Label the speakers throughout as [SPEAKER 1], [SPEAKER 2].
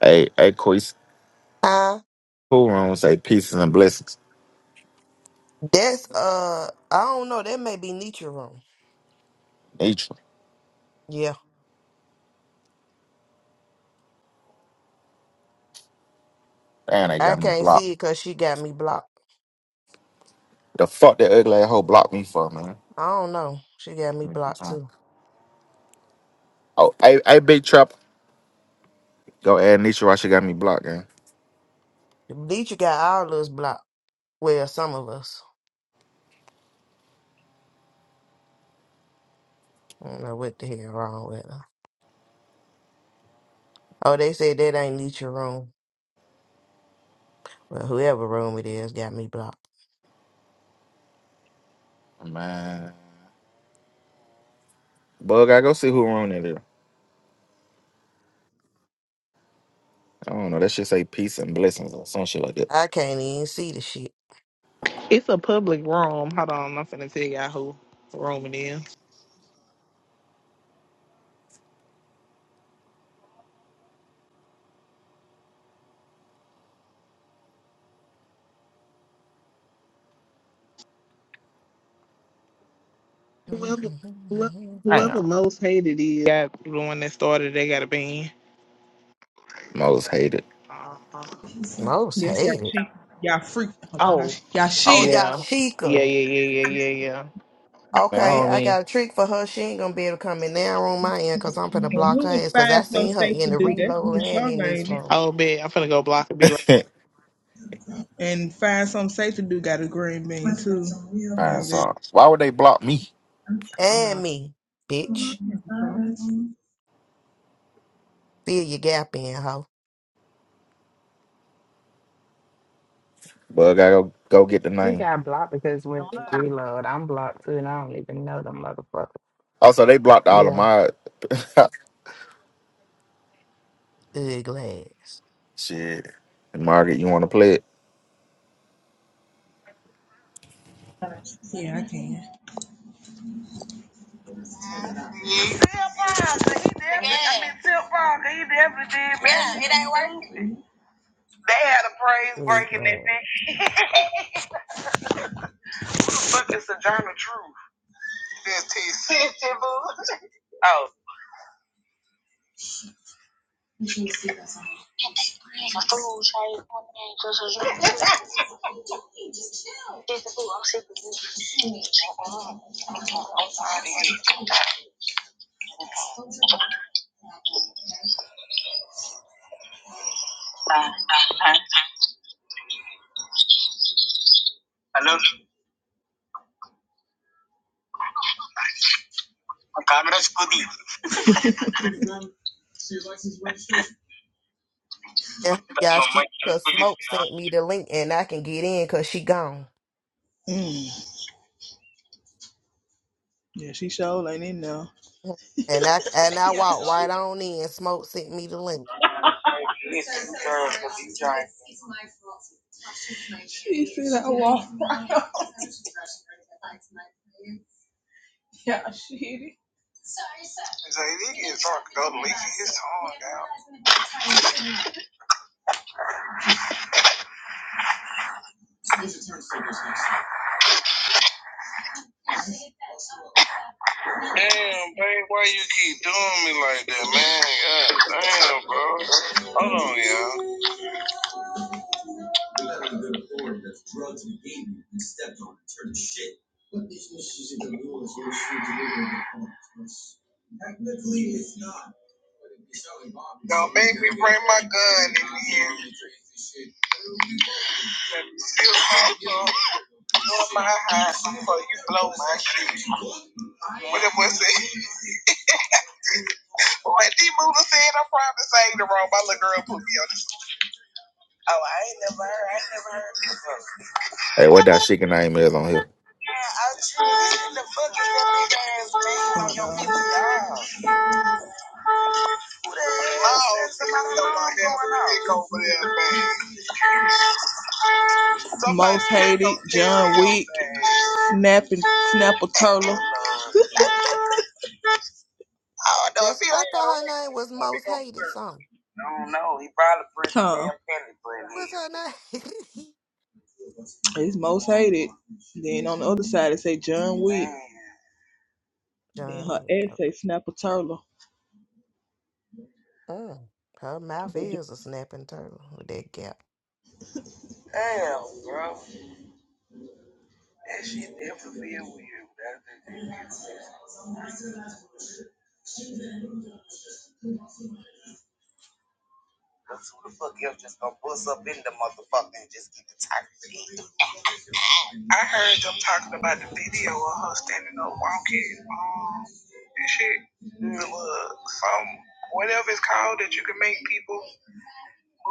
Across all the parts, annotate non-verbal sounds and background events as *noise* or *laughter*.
[SPEAKER 1] Hey, hey, Koi's
[SPEAKER 2] Uh,
[SPEAKER 1] cool room say pieces and blessings.
[SPEAKER 2] that's uh, I don't know. That may be Nietzsche room.
[SPEAKER 1] Nature.
[SPEAKER 2] Yeah,
[SPEAKER 1] Man, they
[SPEAKER 2] I
[SPEAKER 1] got me
[SPEAKER 2] can't
[SPEAKER 1] blocked.
[SPEAKER 2] see it because she got me blocked.
[SPEAKER 1] The fuck that ugly ass hoe blocked me for, man.
[SPEAKER 2] I don't know. She got me
[SPEAKER 1] Give me some
[SPEAKER 2] blocked
[SPEAKER 1] time.
[SPEAKER 2] too.
[SPEAKER 1] Oh, hey, hey, big trap. Go add Nature why she got me blocked, gang.
[SPEAKER 2] Nietzsche got all us blocked. Well, some of us. I don't know what the hell wrong with her. Oh, they said that ain't Nietzsche room. Well, whoever room it is got me blocked.
[SPEAKER 1] Man. Bug, I go see who room that is. I don't know. That shit say peace and blessings or some shit like that.
[SPEAKER 2] I can't even see the shit.
[SPEAKER 3] It's a public room. Hold on, I'm finna tell y'all who room it is.
[SPEAKER 2] *laughs*
[SPEAKER 3] Whoever, whoever, whoever
[SPEAKER 1] Damn.
[SPEAKER 3] most hated is got the one that started. They got a be.
[SPEAKER 1] Most hated.
[SPEAKER 3] Uh-huh.
[SPEAKER 2] Most
[SPEAKER 4] Yes, y'all
[SPEAKER 2] hated.
[SPEAKER 4] cheap, Y'all freak. Oh my
[SPEAKER 3] Oh
[SPEAKER 4] gosh. Y'all
[SPEAKER 2] Oh,
[SPEAKER 4] shitty.
[SPEAKER 3] yeah, yeah,
[SPEAKER 2] Yashika.
[SPEAKER 3] yeah, yeah, yeah, yeah, yeah.
[SPEAKER 1] Man, I
[SPEAKER 2] Okay,
[SPEAKER 1] don't
[SPEAKER 2] I
[SPEAKER 1] even.
[SPEAKER 2] got a trick for her. She ain't gonna be able to come in that room I in because I'm finna
[SPEAKER 4] And
[SPEAKER 2] block
[SPEAKER 4] who
[SPEAKER 2] her
[SPEAKER 4] would
[SPEAKER 2] ass because
[SPEAKER 4] find
[SPEAKER 2] I
[SPEAKER 4] some
[SPEAKER 2] seen her
[SPEAKER 4] safe
[SPEAKER 2] in
[SPEAKER 4] to
[SPEAKER 2] the
[SPEAKER 4] do? That's who
[SPEAKER 2] reload and
[SPEAKER 4] Sean
[SPEAKER 2] in this
[SPEAKER 4] ain't it.
[SPEAKER 2] room.
[SPEAKER 3] Oh, bet I'm finna go block and be right.
[SPEAKER 1] *laughs*
[SPEAKER 4] And find some safe to do got a green bean too.
[SPEAKER 1] Alright,
[SPEAKER 4] Well, that,
[SPEAKER 1] so why would they block me?
[SPEAKER 4] I'm
[SPEAKER 2] And me, bitch. Fill your gap in, hoe.
[SPEAKER 1] Bug, I go go get the
[SPEAKER 5] We
[SPEAKER 1] name.
[SPEAKER 5] got blocked because when Hello. we reload, I'm blocked too, and I don't even know them motherfuckers.
[SPEAKER 1] Also, they blocked all
[SPEAKER 5] Yeah.
[SPEAKER 1] of my *laughs*
[SPEAKER 2] Ugly ass.
[SPEAKER 1] shit. Margaret, you want to play it?
[SPEAKER 4] Yeah, I can. Phil Parker, he definitely, I mean, Phil Parker, he definitely did. Yeah, it ain't working. They had a praise
[SPEAKER 2] Ugly
[SPEAKER 4] break in that
[SPEAKER 2] ass.
[SPEAKER 4] thing. *laughs* Who the fuck is Sojourner *laughs* Truth? Fifteen. Fifteen, boo. *laughs* Oh. Nigga, fool, Shay, Hello, Congress. Pudi.
[SPEAKER 2] And
[SPEAKER 4] Hello,
[SPEAKER 2] y'all, she,
[SPEAKER 4] Michael
[SPEAKER 2] cause
[SPEAKER 4] Pudi.
[SPEAKER 2] Smoke sent me the link and I can get in cause she gone.
[SPEAKER 4] Mm. Yeah, she showed like it now.
[SPEAKER 2] And I and I walked right on in. Smoke sent me the link.
[SPEAKER 4] *laughs* Yeah, she did. Damn, babe, why you keep doing me like that, man? God damn, bro. Hold on, y'all. You let a good board that's drugs and gave you and stepped on and turned to shit. What business is it of yours where she delivered the parts? Technically, it's not. Don't make me bring my gun in here. Let me still come through, blow my hot before you blow my shit. What it was it? What D Buddha said, I'm probably saying the wrong. My little girl put me on this. Oh, I ain't never heard. I ain't never heard. this one.
[SPEAKER 1] Hey, what that chicken name is on here?
[SPEAKER 4] Out you Motated, John Wick, out snapping, snapper turtle. I do
[SPEAKER 2] That's
[SPEAKER 4] he
[SPEAKER 2] I thought her name was Most Hated Song.
[SPEAKER 4] probably pretty huh. damn petty,
[SPEAKER 2] What's her
[SPEAKER 4] but
[SPEAKER 2] name? *laughs*
[SPEAKER 4] yeah. It's most hated. Then on the other side it say John Wick. Then
[SPEAKER 2] John
[SPEAKER 4] her
[SPEAKER 2] Wick.
[SPEAKER 4] ex say Snapper Turtle.
[SPEAKER 2] Mm, her mouth
[SPEAKER 4] Damn,
[SPEAKER 2] is a snapping turtle with that gap.
[SPEAKER 4] bro. That shit definitely feel weird. Cause who the fuck else just gonna bust up in the motherfucker and just get the title thing? I heard them talking about the video of her standing up walking um, and shit. Mm. The little some whatever it's called that you can make people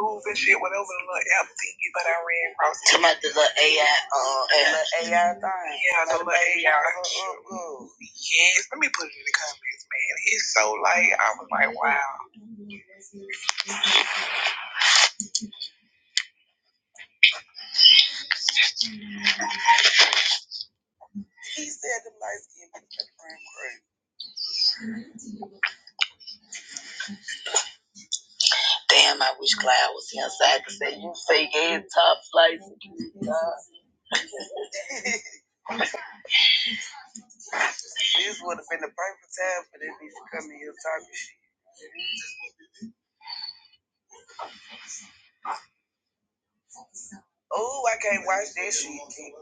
[SPEAKER 4] move and shit, whatever the little app thing you got I ran across. Talking about the little AI uh the little AI thing. Yeah, the little AI Mm. Yes, let me put it in the comments, man. It's so like I was wow. He said the light skin but it's crazy. Damn, I wish Clyde was here so I could say you fake ass Tyson. This would have been the perfect time for that bitch to come in here talking shit. Oh, I can't watch that shit. King.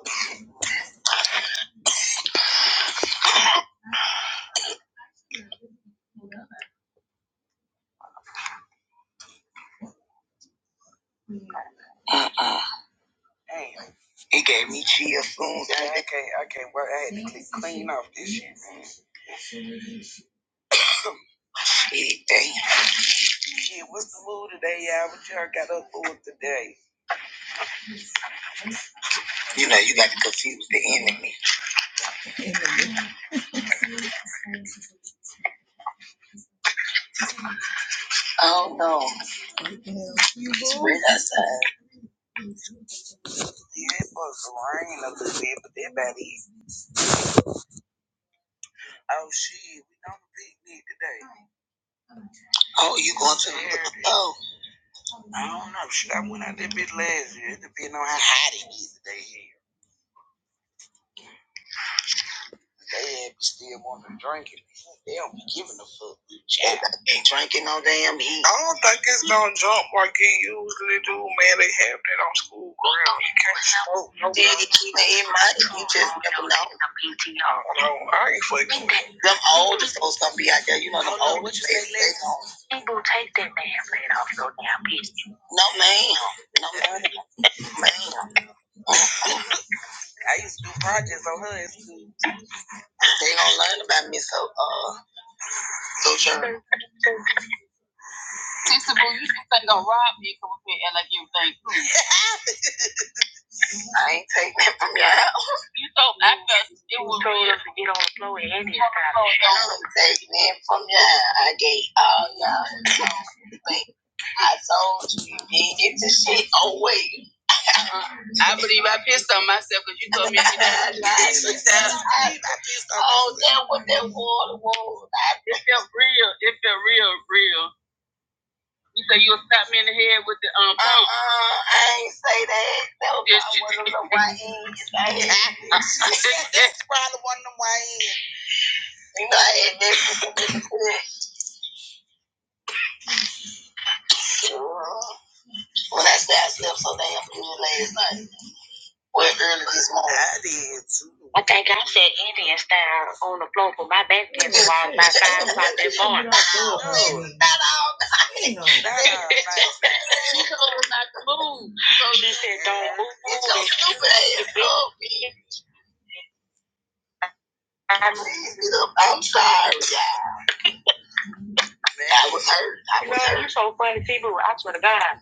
[SPEAKER 4] Uh-uh. Hey. It gave me chills soon. as I, I can't, I, I had to off this shit. Shit, damn. Hey, You know, you got to confuse the enemy. enemy. Oh, no. It's red outside. Yeah, it was raining up a bit, but that about it. Oh, shit. We on the picnic today. Oh, you going to the, oh. I don't know. Shit, I went out that bitch last year. It depends on how hot it is today here. They be still wanting to drink it. They don't be giving a fuck. Child, they drinking no damn heat. I don't think it's gonna jump like it usually do, man. They have that on school. ground. Can't no- Yeah, it keep it in You just never know. I don't know. I ain't fucking with it. Them older folks gonna be out there. You know, them older folks. People take that damn thing off your damn to No, ma'am. No, ma'am. No, Ma'am. I used to do projects on her in school. They don't learn about me, so uh, so sure. Sister Boo, you just ain't gonna rob me and come up here and like everything *laughs* I ain't taking that from your house. You told me I felt it was You told us to get on the floor at any time. I'm taking that from your house. I gave all y'all. *laughs* I told you, you didn't get the shit away. I believe I pissed on myself because you told me to I lied. She said, *laughs* I believe I pissed on Oh, myself. Oh, that was that water was. It felt real. It felt real, real. You said you'll stop me in the head with the um pump. Uh-uh, I ain't say that. That was yes, probably one of them Wayans. I *laughs* That's probably one of the Wayans. You know, I had that. When I said I slept so damn good last night. Well, early this morning. I did too. I think I said Indian style on the floor for my back then while my five o'clock that morning. No, Not all night. Not all night. She told us not to move. She said, don't move. It's so stupid. I'm I'm sorry, y'all. I was hurt. I was hurt. You know, You're so funny, people. I swear to God,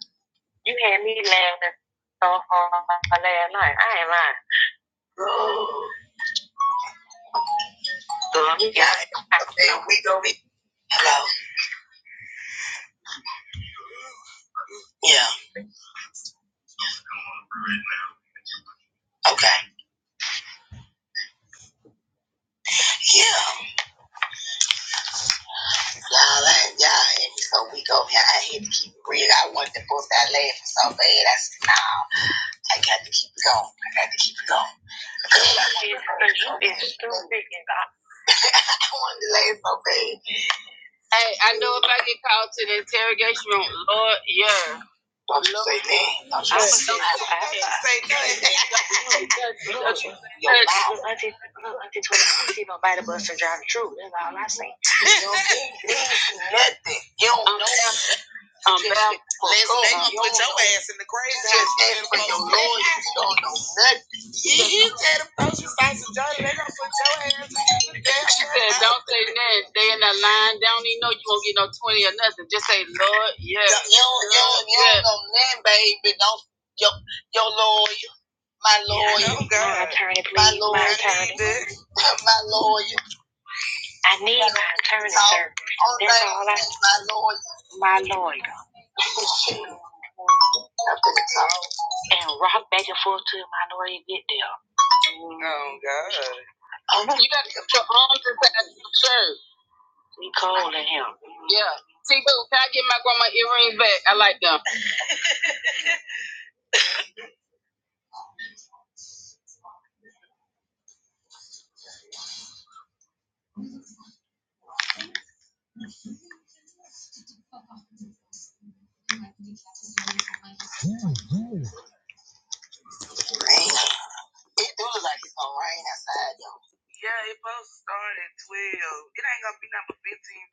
[SPEAKER 4] you had me laughing so hard last night. I ain't lying. Oh, so you I said, we gonna be, hello, yeah. Okay. Yeah. Y'all, I, y'all, every so we go here, I had to keep it real. I wanted to bust that laughing so bad. I said, no, I got to keep it going. I got to keep it going. It's I wanted so I wanted to laugh so bad. Hey, I know if I get called to the interrogation room, Lord, yeah. Don't you say that. Don't you say that. Don't you say that. Don't you say that. Look, I just told you, I see nobody but to drive the truth. That's all I say. You don't need *laughs* nothing. You don't I'm know. I'm back. Listen, they gonna you put your know. ass in the grave. You Just standing for your Lord. You don't know nothing. *laughs* He he said, "Don't you say some jolly?" They gonna tell you. that. She said, "Don't say nothing. They in that line. They don't even know you won't get no twenty or nothing. Just say, Lord, yeah. You don't, you don't, you don't know nothing, baby. Don't your your lawyer, my lawyer, yeah, I know, God. my attorney, please, my lawyer, my attorney. *laughs* my lawyer. I need my attorney, sir. That's all I. need. My lawyer. And rock back and forth till my lawyer get there. Oh, God. You gotta get your arms inside your shirt. We calling him. Yeah. See, boo, can I get my grandma earrings back? I like them. It do look like it's gonna rain outside yo.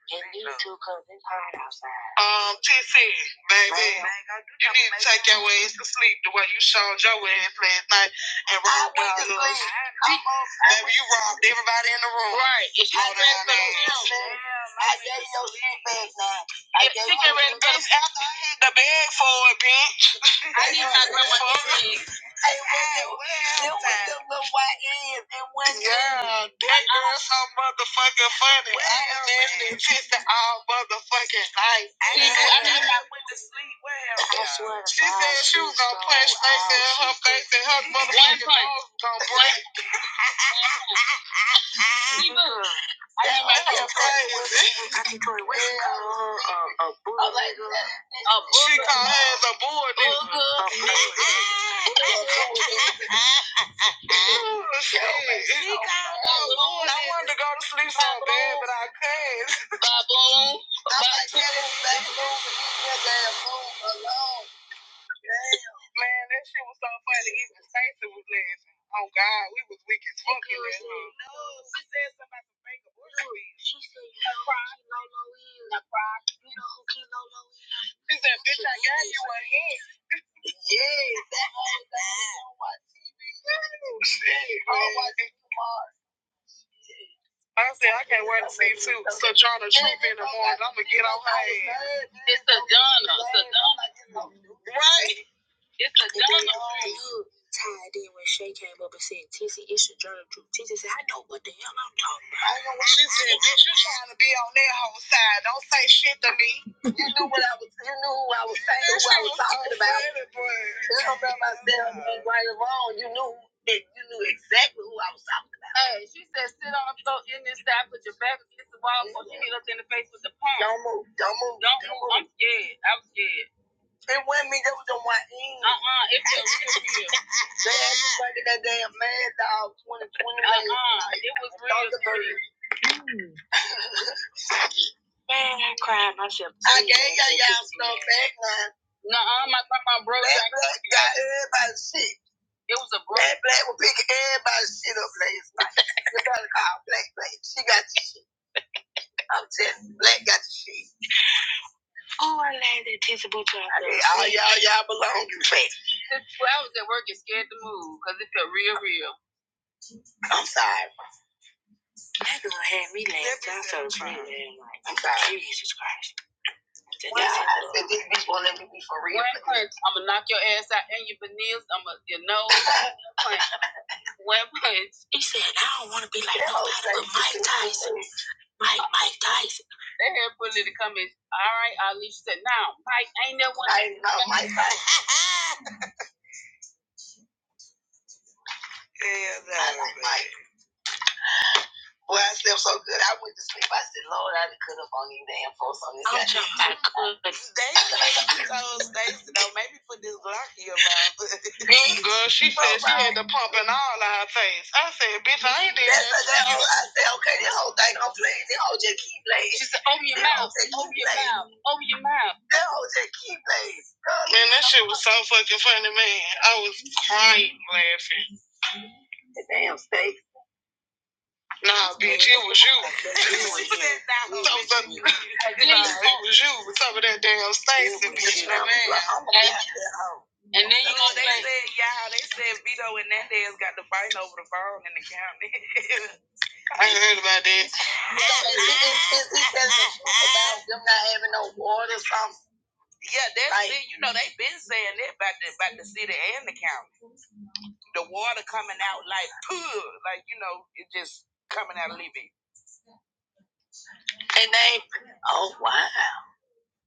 [SPEAKER 4] And you two, cause it's hot outside. Um, TC, baby, man, man, you you need to take your ass to sleep the way you showed your ass last night and robbed I us. Baby, you robbed everybody in the room. Right. It's your ass. I gave your shit back now. I gave you your shit back. after I had the bag for it, bitch. *laughs* I need my know what it Hey, well, it was the little white ass. It wasn't Yeah, that girl so motherfucking funny. I was listening to all motherfucking she do everything that women I swear to God. She said she was gonna she's punch so face in her face and her motherfucking nose was gonna *laughs* break. She was That's crazy. *laughs* I'm like, She called her as a bull *laughs* nigga. Oh, She called her a bull nigga. I wanted to go to sleep so bad, but I couldn't. Baboon. I like that. *laughs* Man, that shit was so funny. Even Stacy was laughing. Oh God, we was weak as fuck in that room. Yes. Oh, my God. I said I can't wait to see too. Sojourner Truth in the morning. I'm gonna get on her ass. Sojourner. Right. It's Sojourner. I know what she said. Bitch, you trying to be on that whole side? Don't say shit to me. That's what I was talking about. That's what I'm talking about standing right or wrong. You knew that you knew exactly who I was talking about. Hey, she said sit on the floor in this side, put your back against the wall before she hit us in the face with the palm. Don't move, don't move. Don't, don't move. move. I'm scared. I was scared. It wasn't me that was on my end. Uh-uh, it was real. real. *laughs* They had me breaking that damn mad dog 2020. Uh-uh, it was real. Thunderbird. *laughs* Man, I cried myself. to I gave y'all y'all some back line. No, my my, my brother. That black got everybody's shit. It was a brother. That black was picking everybody shit up last night. *laughs* you gotta call black black. She got. The shit. I'm telling you, black got the shit. Oh, I like that tissue boot drop. All y'all y'all belong to me. Well, I was at work and scared to move because it felt real, real. I'm sorry. That girl had me last. I'm so sorry. I'm sorry. Jesus Christ. Today. I said this bitch won't let me be for real. One punch, I'ma knock your ass out and your veneers, I'ma your nose. *laughs* One punch, He said, I don't want to be like That nobody but Mike Tyson. Mike, Mike Tyson. They had put it in the comments. All right, Ali she said, now Mike ain't that one. I know Mike Tyson. *laughs* Hell no. I like Mike. Well, I slept so good, I went to sleep. I said, Lord, I could have on these damn folks on this. I'm goddamn sure I time." could. *laughs* Stacy, told Stacy, no, maybe put this block here, but *laughs* Girl, she said oh, she right. had the pump in all on her face. I said, bitch, I ain't did That's that. That's I said, okay, this whole thing don't play. This whole just keep playing. She said, open your mouth, just keep open your mouth, open your mouth. That whole just keep playing. Man, that shit was so fucking funny, man. I was crying laughing. The damn steak. Nah, bitch, it was you. *laughs* She said that was Top of- you. nah, it was you. Top of that damn Stacy, bitch. And then you going they said, yeah, they said Vito and that ass got the fight over the phone in the county. *laughs* I ain't heard about that. *laughs* Yeah, it's because about them not having no water or something. Yeah, that's like, it. You know, they have been saying that about the about the city and the county. The water coming out like pure, like you know, it just coming out of living. Oh, wow.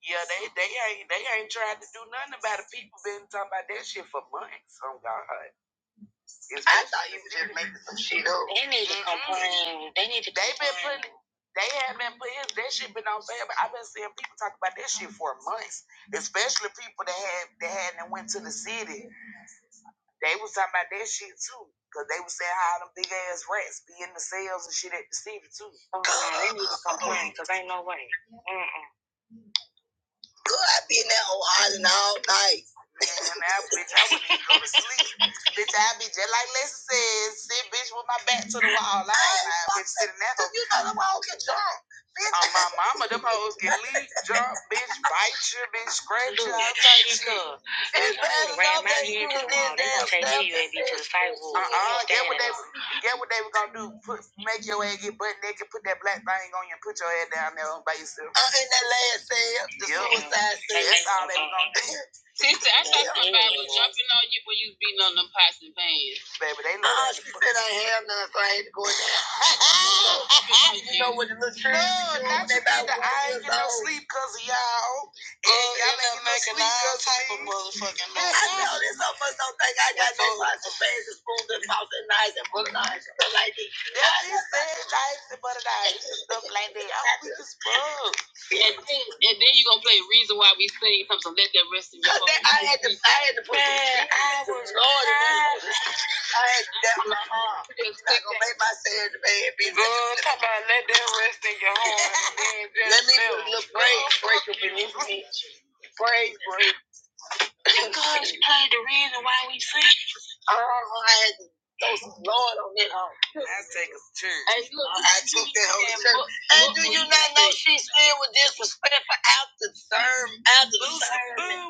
[SPEAKER 4] Yeah, they they ain't they ain't tried to do nothing about it. People been talking about that shit for months. Oh God, it's I thought you were just making some shit up. They need to Mhm. complain. They need to. They complain. been putting. They have been putting that shit been on sale. I've been seeing people talk about that shit for months, especially people that had that hadn't went to the city. They was talking about that shit too, cause they was saying how them big ass rats be in the cells and shit at the city too. Oh, God, they need to complain, cause ain't no way. Mm Girl, I be in that old hollering all night. Damn, I, bitch, I wouldn't go to sleep. *laughs* bitch, I be just like Lisa said, sit bitch with my back to the wall. I ain't lying, bitch, sitting there. You know them all get drunk. *laughs* Bitch. Oh, my mama, them hoes get leaked, drunk, bitch, bite you, bitch, scratch you, all type of stuff. And I ran my head to the wall. They gonna take you and be to the sidewalk. Uh-uh, that what they was Get what they were gonna do? Put make your ass get butt naked, put that black thing on you, and put your ass down there by yourself. Uh, in that last cell, the yep. suicide cell. That's all they were gonna do. Sister, I thought yeah, somebody was jumping on you when you was beating on them pots and pans. Baby, they look. Uh, like she said I ain't have none, so I ain't going down. *laughs* you know what the little children be doing? They about one I ain't getting no sleep because of y'all. And uh, y'all ain't getting no sleep because of type motherfucking *laughs* I know, there's so much don't think I got that pots and pans and spoons and *laughs* pots and knives and bullets. Like, these. Yeah, these things I like, and stuff like that. I was weak as And then, and then you gonna play Reason Why We Sing something, let that rest in your heart. That- I had to, I had to put Man, the I was Lord, I had to tap my arm. Just I gonna make myself in the bed, bitch. *laughs* Let me put a little break, break up in this bitch. Break, break. Because you played the reason why we sing. Oh, I had to throw some Lord on it. Oh. That's taking us church. Hey, look, I took that whole church. and do you not know she still was disrespectful after the sermon, after the sermon,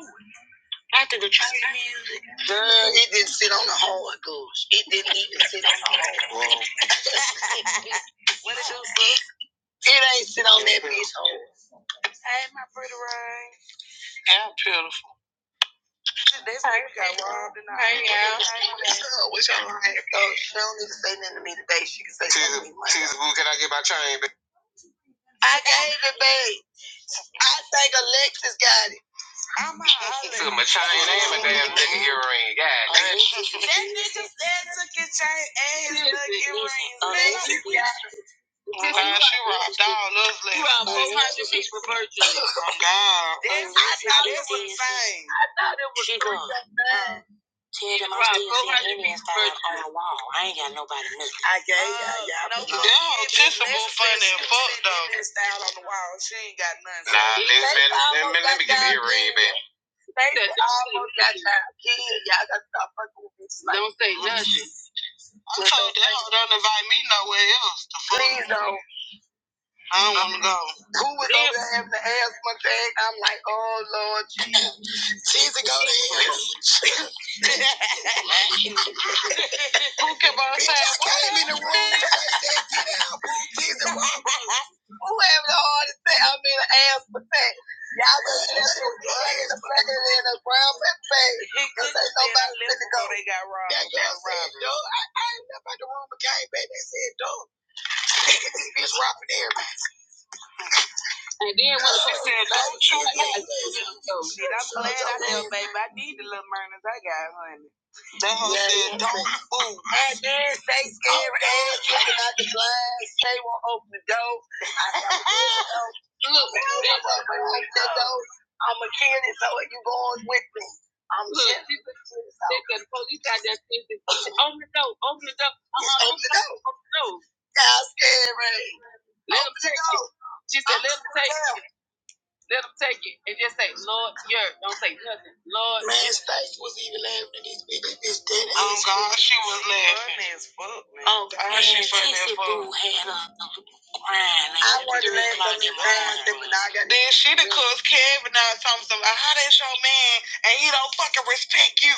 [SPEAKER 4] after the church? Girl, it didn't sit on the hard goods. It didn't even sit on the hard goods. *laughs* it ain't sit on that bitch hole. Hey, my pretty ring. That's how got robbed and all. Hey, yeah. all So, What's y'all on So, she don't need to say nothing to me today. She can say Teaser, something to me. Teaser, who can I get my chain back? I gave it babe. I think Alexis got it. I'm a *laughs* holler. Took my chain and my damn nigga ear. That nigga said took your chain and his nigga earrings. Alexis, Man, she robbed all us ladies. You robbed night. 400 people virtually. *laughs* Oh, God. That's, I, insane. She gone. Tell them i still seeing aliens down on the wall. I ain't got nobody nothing. I gave uh, y'all. y'all no, be- Tissa boo funny and fuck dog. down on the wall. She ain't got nothing. Nah, let me, let me, give me a ring, baby. They almost got y'all kids. Y'all got to stop fucking with bitches. Like don't say nothing. I told them don't invite me nowhere else. The fuck? Please don't. I don't want to go. Who was over there having the asthma thing? I'm like, oh Lord Jesus. Who kept on saying, what? Who having the hardest thing? I mean, man, y'all just *laughs* left some gun in the fucking in the ground and say, because *laughs* ain't nobody let it go. They got robbed. That girl robbed, dude, I, I ain't never at the room but came back. They said, dude, *laughs* this bitch robbing everybody. And then when they said, don't you move. Shit, I'm glad I held baby. I need the little murders I got, honey. They yeah, said, yeah. don't move. And then they scared ass. ass. They won't open the door. I *laughs* never did so. Look, they won't open the door. I'm a kid, and so you going with me. I'm Look, she, she, she said, the police got that thing. Open the door, open the door. *laughs* Just open the door. Open the door. Y'all scared, right? Let 'em take you. She said, Let let 'em take you. Let them take it and just say, Lord, you're. Don't say nothing. Lord. Man's face was even laughing at this bitch. This bitch dead. Oh, God, she was laughing. as fuck, man. Oh, God, man, she funny as fuck. Boo had a crying. I wasn't laughing at me crying. Then I got- Then she done cussed Kevin out talking some, how that's your man and he don't fucking respect you.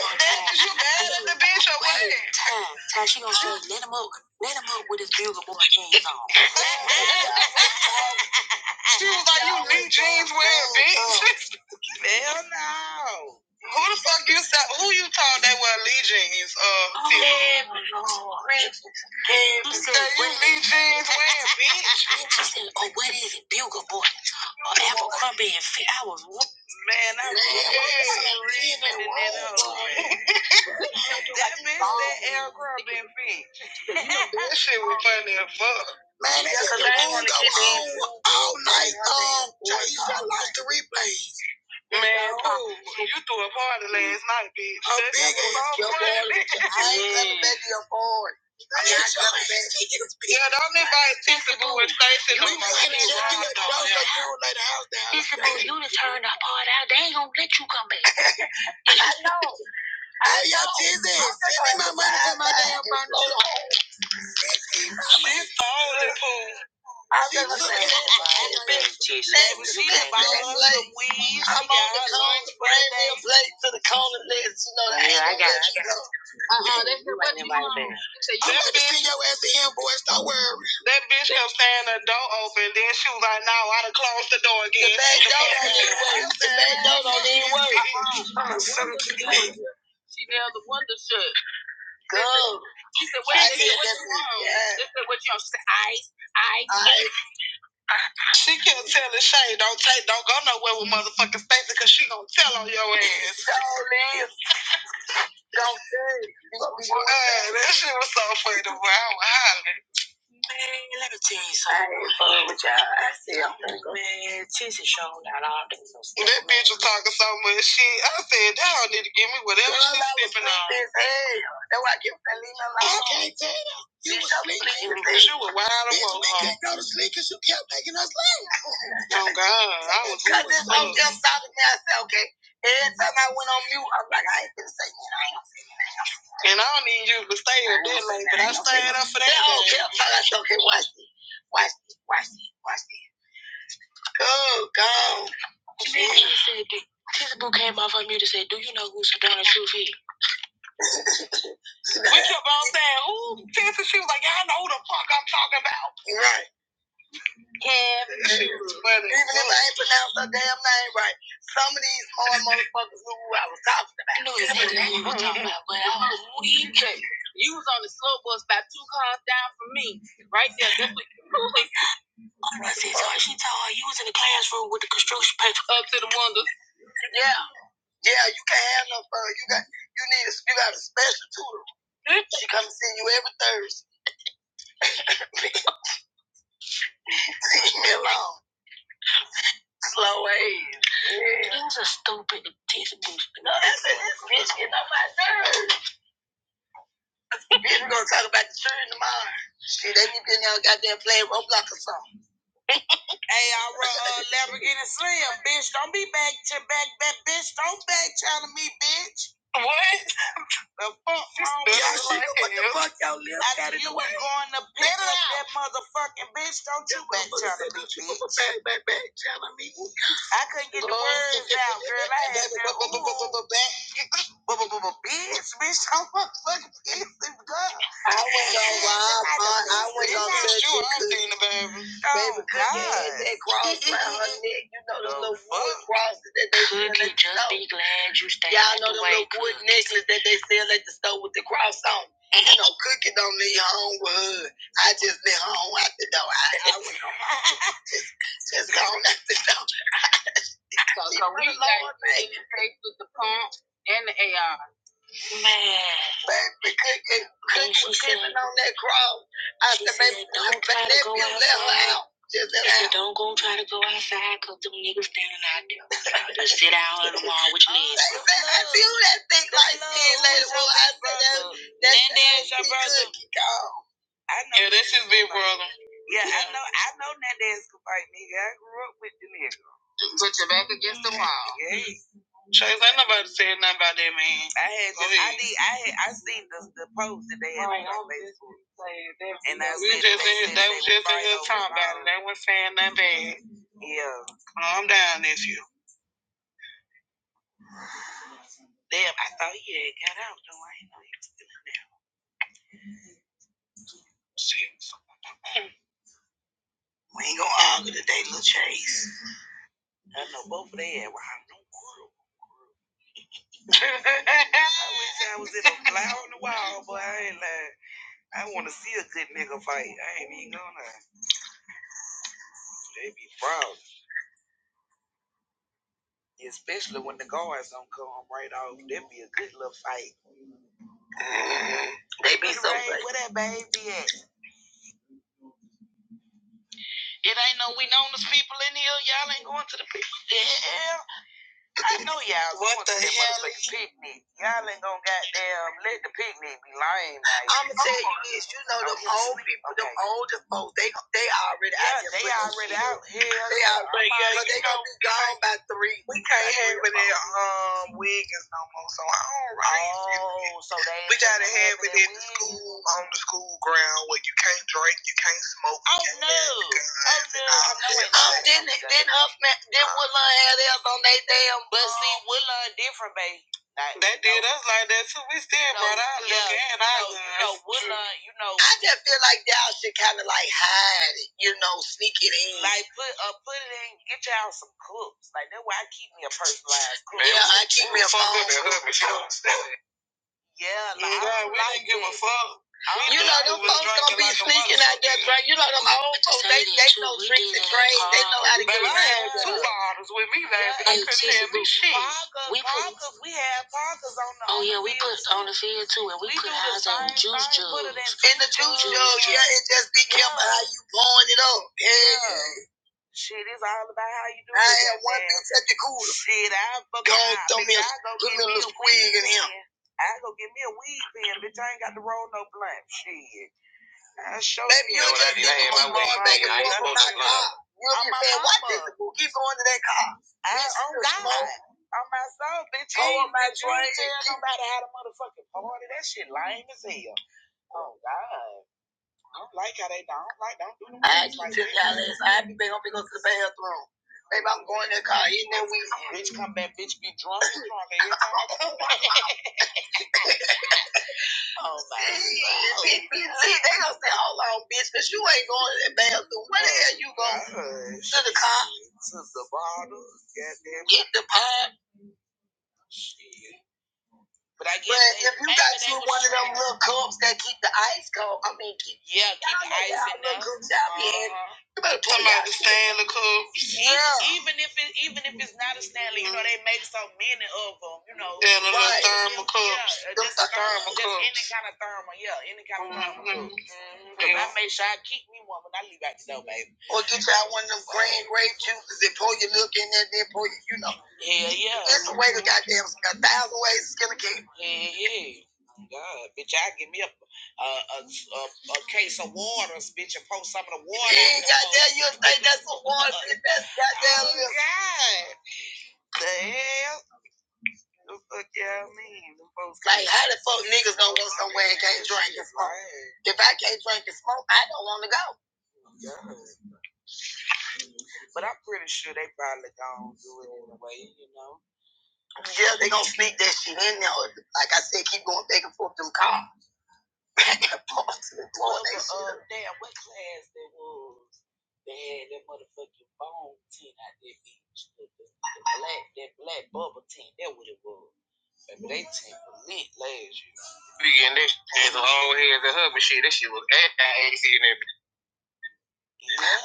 [SPEAKER 4] That's you mad at the bitch or what? Time, time. She gonna say, let him up. Let him up with his bugle boy jeans on. *laughs* She was like, you knee jeans wearing bitch. Hell no. Who the fuck you said? Who you told they wear Lee jeans? Uh, Tiffany? you said you Lee jeans wearing bitch. I said, Oh, what is it, Bugle boy? Or Abercrombie and Fitch? I was, Man, I was reading That up. That bitch, that L Crumb and bitch. That shit was funny as fuck. Man, that's a long, go on all night. Um, Jay, you got like the replay. Man, oh, you threw a party last night, bitch. A big ass party. I ain't never been to your party. I ain't never been Yeah, don't invite Tissy Boo and Stacy no more. You you let the house down. Tissy Boo, you done turned our party out. They ain't gonna let you come back. *laughs* I know. Hey, yo, Tizzy, send me my money for my damn furniture. Oh, that pool. She looked at the bitch. She the bottles of weed. I'm on the corner, bring me a plate to the corner, niggas. You know that. Yeah, I got it. Uh-uh, that's the one you want. I'm about to see your ass in, boys. Don't worry. That bitch kept saying the door open, then she was like, no, I done closed the door again. The back door don't *laughs* even work. The back door don't even work. Uh-uh. She nailed the window shut. Go. She said, what, I did what you want? Yeah. She said, what you want? She said, ice, ice. She kept telling Shay, don't take, don't go nowhere with motherfucking Stacy, cause she gonna tell on your ass. *laughs* Don't leave. Don't leave. Uh, That shit was so funny. Boy. I was hollering. Man, let me tell you something. I ain't fucking with y'all. I said I'm finna go. Man, Tissy showed out all this stuff. That bitch was talking so much shit. I said, they don't need to give me whatever Girl, she's I was sipping on. sleepy as hell. That's why I kept telling you alone. I can't tell you. You was sleeping. you were wide awake. Bitch, We can't go to sleep because you kept making us laugh. Oh God, I was Cut this whole damn side of me. I said, okay. Every time I went on mute, I'm like, I ain't gonna say nothing. I ain't gonna say nothing. And I don't need you to stay here that late, but I I ain't stayed up for that. They all kept am fine. okay, watch this. Watch this. Watch this. Watch this. Go, go. She basically said that came off her mute and said, Do you know who Sedona Truth is? We kept on saying, Who? *laughs* Right. Cam, *laughs* even if I ain't pronounced her damn name right, some of these hard *laughs* motherfuckers knew who I was talking about. I knew exactly *laughs* who you were talking about, but I was weak. *laughs* You was on the slow bus about two cars down from me, right there. That's what I said, so *laughs* she told her you was in the classroom with the construction paper up to the window. Yeah, yeah, you can't have no fun. You got, you need, a, you got a special tutor. She come see you every Thursday. *laughs* Leave me alone. Things are stupid and this bullshit. *laughs* No, that's this bitch getting on my nerves. bitch, we gonna talk about the children tomorrow. Shit, they be in there goddamn playing Roblox or something. Uh, *laughs* bitch, don't be back to back, back, bitch. Don't back to me, bitch. The fuck wrong with Y'all should what the fuck y'all live I got knew you was going to pick it up out. that motherfucking bitch. Don't you back to me, bitch. I couldn't get the words out, girl. I had to. *laughs* But, but, but, but, bitch, bitch, I'm a fucking bitch, I was gonna rob her. I was gonna touch you. I'm baby. Baby, God. Yeah, that *laughs* cross around her neck. You know those little wood crosses that they sell at the Could just store. be glad you stayed Y'all know them little wood necklaces that they sell at the store with the cross on. You know, Cookie don't leave home with her. I just leave home out the door. I, I was just gone out the door. *laughs* So, so we got the face with the pump and the AR. Man. Baby, cooking, cooking, she on that cross. I said, baby, don't try to go outside. Just let her out. don't go try to go outside because them niggas standing out there. *laughs* Just sit down on the *laughs* wall with your knees. Oh, I do that thing like this, lady. Well, I said that. That's Nandez, your brother. I know yeah, this is big brother. Yeah, I Yeah. know. I know Nandez could fight nigga. I grew up with the nigga. Put your back against the wall. Yeah. Chase, ain't nobody said nothing about that man. I had, this, I did, I had, I seen the, the post that they had right, on Facebook. And I we just in, they, they was just in here talking about it. They were not bad. Yeah. My nephew. Damn, I thought I I know both of them. *laughs* I wish I was in a fly on the wall, but I ain't lying. I want to see a good nigga fight. I ain't even gonna. They be proud. Especially when the guards don't come right off. That'd be a good little fight. Mm-hmm. They be so Ray, Where that baby at? It ain't no, we known as people in here. Y'all ain't going to the people. *laughs* Yeah, I know y'all What the hell? picnic. Y'all ain't gonna goddamn let the picnic be lame like I'm gonna tell you this. You know, them Okay. old people, them Okay. older folks, they they already out here. they already out. here. They yeah. already, cause they gonna be gone by three. We can't have it in um Wiggins no more, so I don't I oh, so they We gotta have it it at the school on the school ground where you can't drink, you can't smoke, Oh no. Oh no. all No, no Um, then then up, man. then what? But see, Um, They no. did us like that too. We still no, brought out yeah, liquor and our no, No, Woodlawn, no. I just feel like y'all should kind of like hide it, you know, sneak it in. Like, yeah, I keep me a phone. That Yeah, like, yeah, we like didn't give a fuck. You know them folks gonna be like sneaking out there, motherfucker. drink. You know them old folks, they they know tricks and trades. They know how to get I had around. two Yeah. bottles with me last night. we put, we had Parkers on the. Oh yeah, we put on the field too, and we, put do the ours in same juice in jugs. In the juice Juice jugs. yeah, it just be careful Yeah. how you blowing it up. Yeah. Shit, it's all about how you do it. I had one bitch at the cooler. Shit, I fucking go throw me go get me a me little a in him. I go get me a weed pen, bitch. I ain't got to roll no blunt. Shit. I show you. Baby, you. know that just ain't my way. back and I ain't forth supposed on to my lie. car. You'll be saying, why this fool keep going to that car? I on God. On my soul, bitch. Oh, on my you ain't tell nobody how to motherfucking party. That shit lame as hell. Oh, God don't like how they don't like don't do them I things like took that. y'all ass. I be gonna be to the bathroom. baby. I'm going in the car eating that weed. Bitch, come back, bitch, be drunk, be drunk every time. I come back. *laughs* oh my god. See, they gonna say, hold on, because you ain't going in the bathroom. Where the hell you going? to the car. To the bottle. Get the bottle. get But if you got you one of them little cups that keep the ice cold, I mean, keep yeah, keep the ice in there. You better put them out the Stanley cups. Yeah. Even if it, even if it's not a Stanley, you know they make you know. Yeah, the little right. thermal cups. Yeah, just a thermal, just any kind of thermal, yeah, any kind of thermal cup. Mm-hmm. 'Cause yeah. I make sure I keep me one when I leave out the door, baby. Or get you out one of them green grape juices and pour your milk in there, then pour your, you know. Yeah, yeah. That's a way to goddamn, a thousand ways to skin a cat. Yeah, yeah. God, bitch, I give me a a, a, a, a case of water, bitch, and pour some of the water. Yeah, goddamn, you think that's a water? bitch, That's goddamn. *laughs* Oh, God, the hell. The fuck yeah, I mean, them folks. Like, how the fuck niggas gonna go somewhere and can't drink and smoke? If I can't drink and smoke, I don't want to go. Yeah. But I'm pretty sure they probably gonna do it anyway, you know. Yeah, they gonna sneak that shit in there. Like I said, keep going back and forth them cars. *laughs* Back and forth to the floor. Well, that uh, damn, what class that was? They had that motherfucking bone tent out there, bitch. The, the, the black, that black bubble tent. That what it was. Baby, they take a lit last year. Speaking that shit, long heads and hub and shit, that shit was at that AC and everything.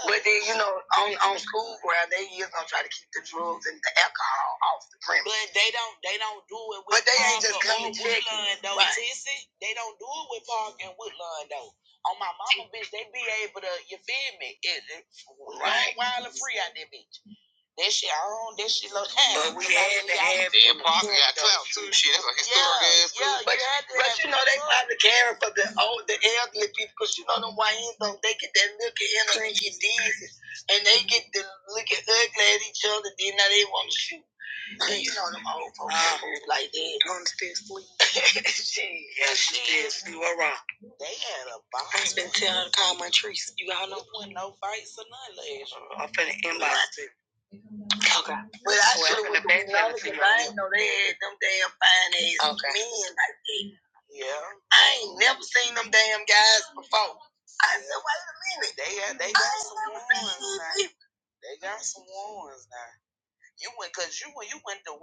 [SPEAKER 4] But then, you know, on, on school ground, they is gonna try to keep the drugs and the alcohol off the premise. But they don't, they don't do it with But they ain't just coming to check. Woodlawn, though, right. Tissy. They don't do it with Park and Woodland, though. On my mama, bitch, uh, you mean, it, right. wild and free out there, bitch. That shit, I don't But we had to have. Dan Parker got clapped too. Shit, that's like historic yeah, ass. Yeah, but, you had to but you know they probably caring for the old, the elderly people, cause you know them YNs don't. They get that look at him and get dizzy, and they get to look at ugly at each other. Then now they want to shoot. You know them old folks like that. Gonna still sleep. *laughs* yeah, she still sleep. All right. They had a bomb. I been telling her to call Montrese. You all know. I know. I'm finna inbox. But I should have went to I did know they had them damn fine ass okay. men like that. Yeah. I ain't never seen them damn guys. I said, wait a minute. They got, they got some women. They got some women. You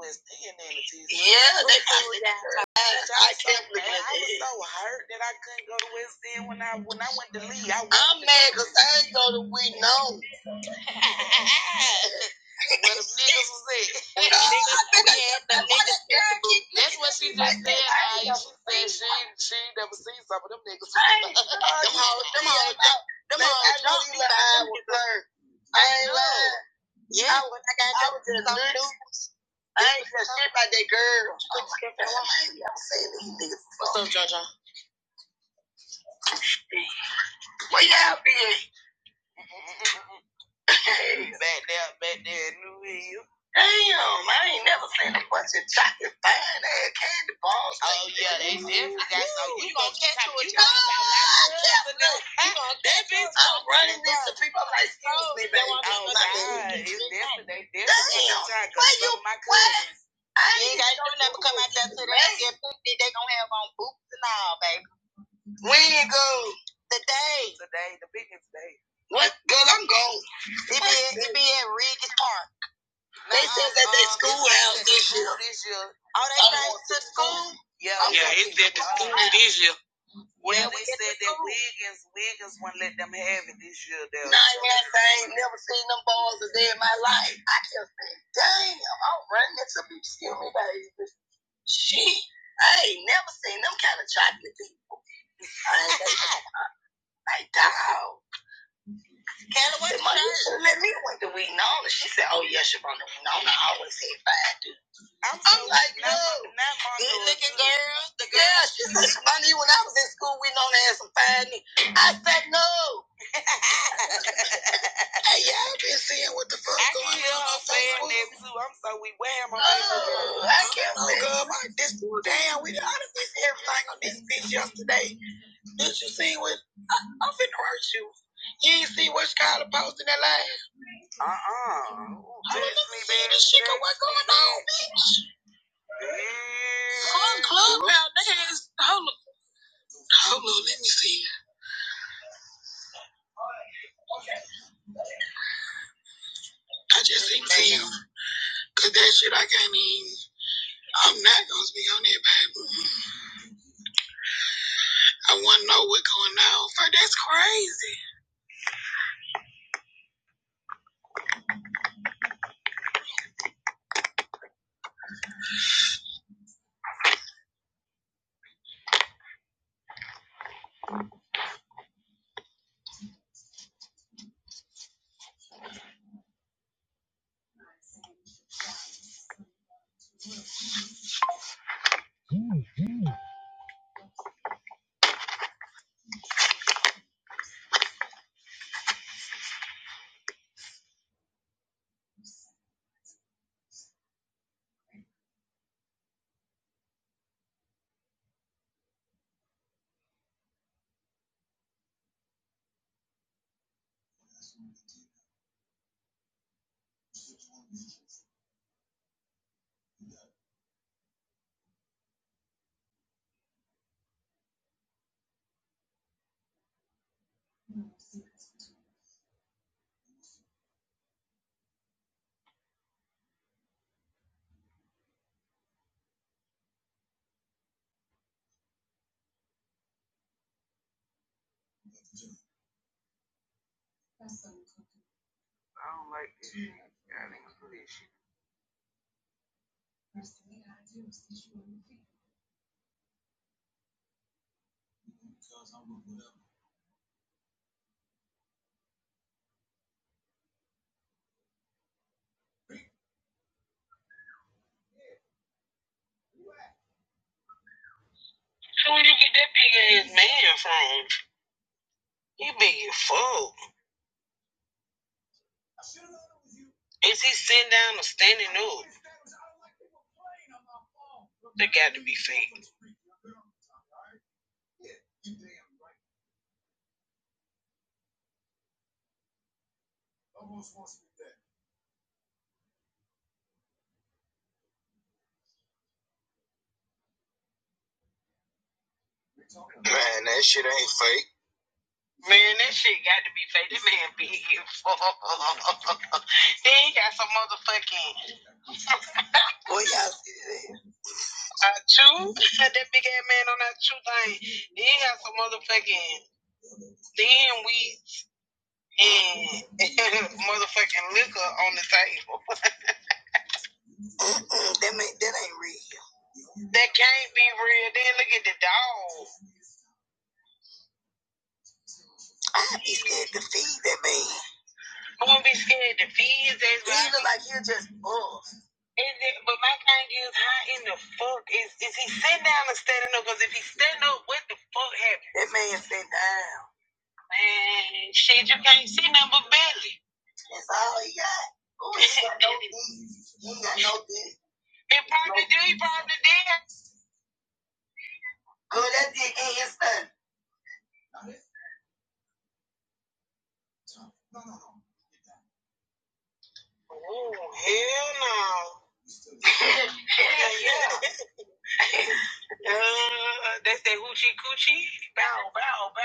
[SPEAKER 4] was in there Yeah, they probably got I, I kept looking at I was so hurt that I couldn't go to West End when I when I went to Lee. I I'm mad because I ain't go to Wheaton. No. *laughs* Where the niggas was at. Where the niggas, *laughs* we had the niggas at the booth. That's what she just said, I She said she, she never seen some of them niggas. *laughs* Them hoes, them hoes, them hoes not me by with her. I ain't lying. Yeah, I was, I got I was just some dude. I ain't said shit about that girl. What's up, John? Where y'all be at? Back there, back there, New Damn, I ain't never seen a bunch of chocolate fine ass candy bars. Oh like yeah, that. they definitely got some. You gonna catch you a chocolate fine? You gonna that bitch? I'm running into people. I'm like, excuse me, baby. Oh God, it's definitely they definitely got chocolate. Where you? What? cousins. I ain't got no never come out there to that get fifty. They gonna have on boots and all, baby. When you go? Today. Today, the biggest day. What? Girl, I'm going. It be, it be at Regis Park. They said that they school out this year. This year. Oh, they back to school? Yeah. Yeah, it's at the school this year. Well, yeah, we said that Wiggins, Wiggins would not let them have it this year, though. Nine years, I ain't never seen them boys a day in my life. I just said, damn, I'm running into people, excuse me, baby. Shit, I ain't never seen them kind of chocolate people. I ain't like, *laughs* dog. Kelly, what did you Let me went to Winona. She said, oh, yes, yeah, she run to Winona. I always said five. I'm like, no. Good looking girl. The girl, yeah, she said, I knew when I was in school, we known to have some fine niggas. I said, no. *laughs* hey, y'all been seeing what the fuck I going keep on on saying Facebook? that too. I'm so we wear my oh, I can't look up my this. Damn, we done honestly seen everything on this bitch yesterday. Did you see what? I'm finna hurt you. You ain't see what Skylar posted that last? Oh, I don't know. She got What's going on. Fun Club. Hold on, let me see. I just seen Tim. Cause that shit I can't even I'm not gonna speak on it, baby. I wanna know what's going on. For that's crazy. I don't like this. shit. Y'all niggas do this shit. So where you get that big ass man from? He big as fuck. Is he sitting down or standing up? That got to be fake. Man, that shit got to be fake. That man big as fuck. *laughs* then he got some motherfucking Boy, y'all see that? Our tooth? *laughs* that big ass man on that tooth thing. He had some motherfucking thin weed and *laughs* motherfucking liquor on the table. *laughs* Mm-mm, that, ain't, that ain't real. That can't be real. Then look at the dog. I'd be scared to feed that man. I wouldn't be scared to feed his ass. He look like he just buff. That man sit down. Man, shit, you can't see nothing but belly. That's all he got. Oh, he ain't got no dick. *laughs* He ain't got no dick. He probably no do. He probably did. Good, that dick ain't his son.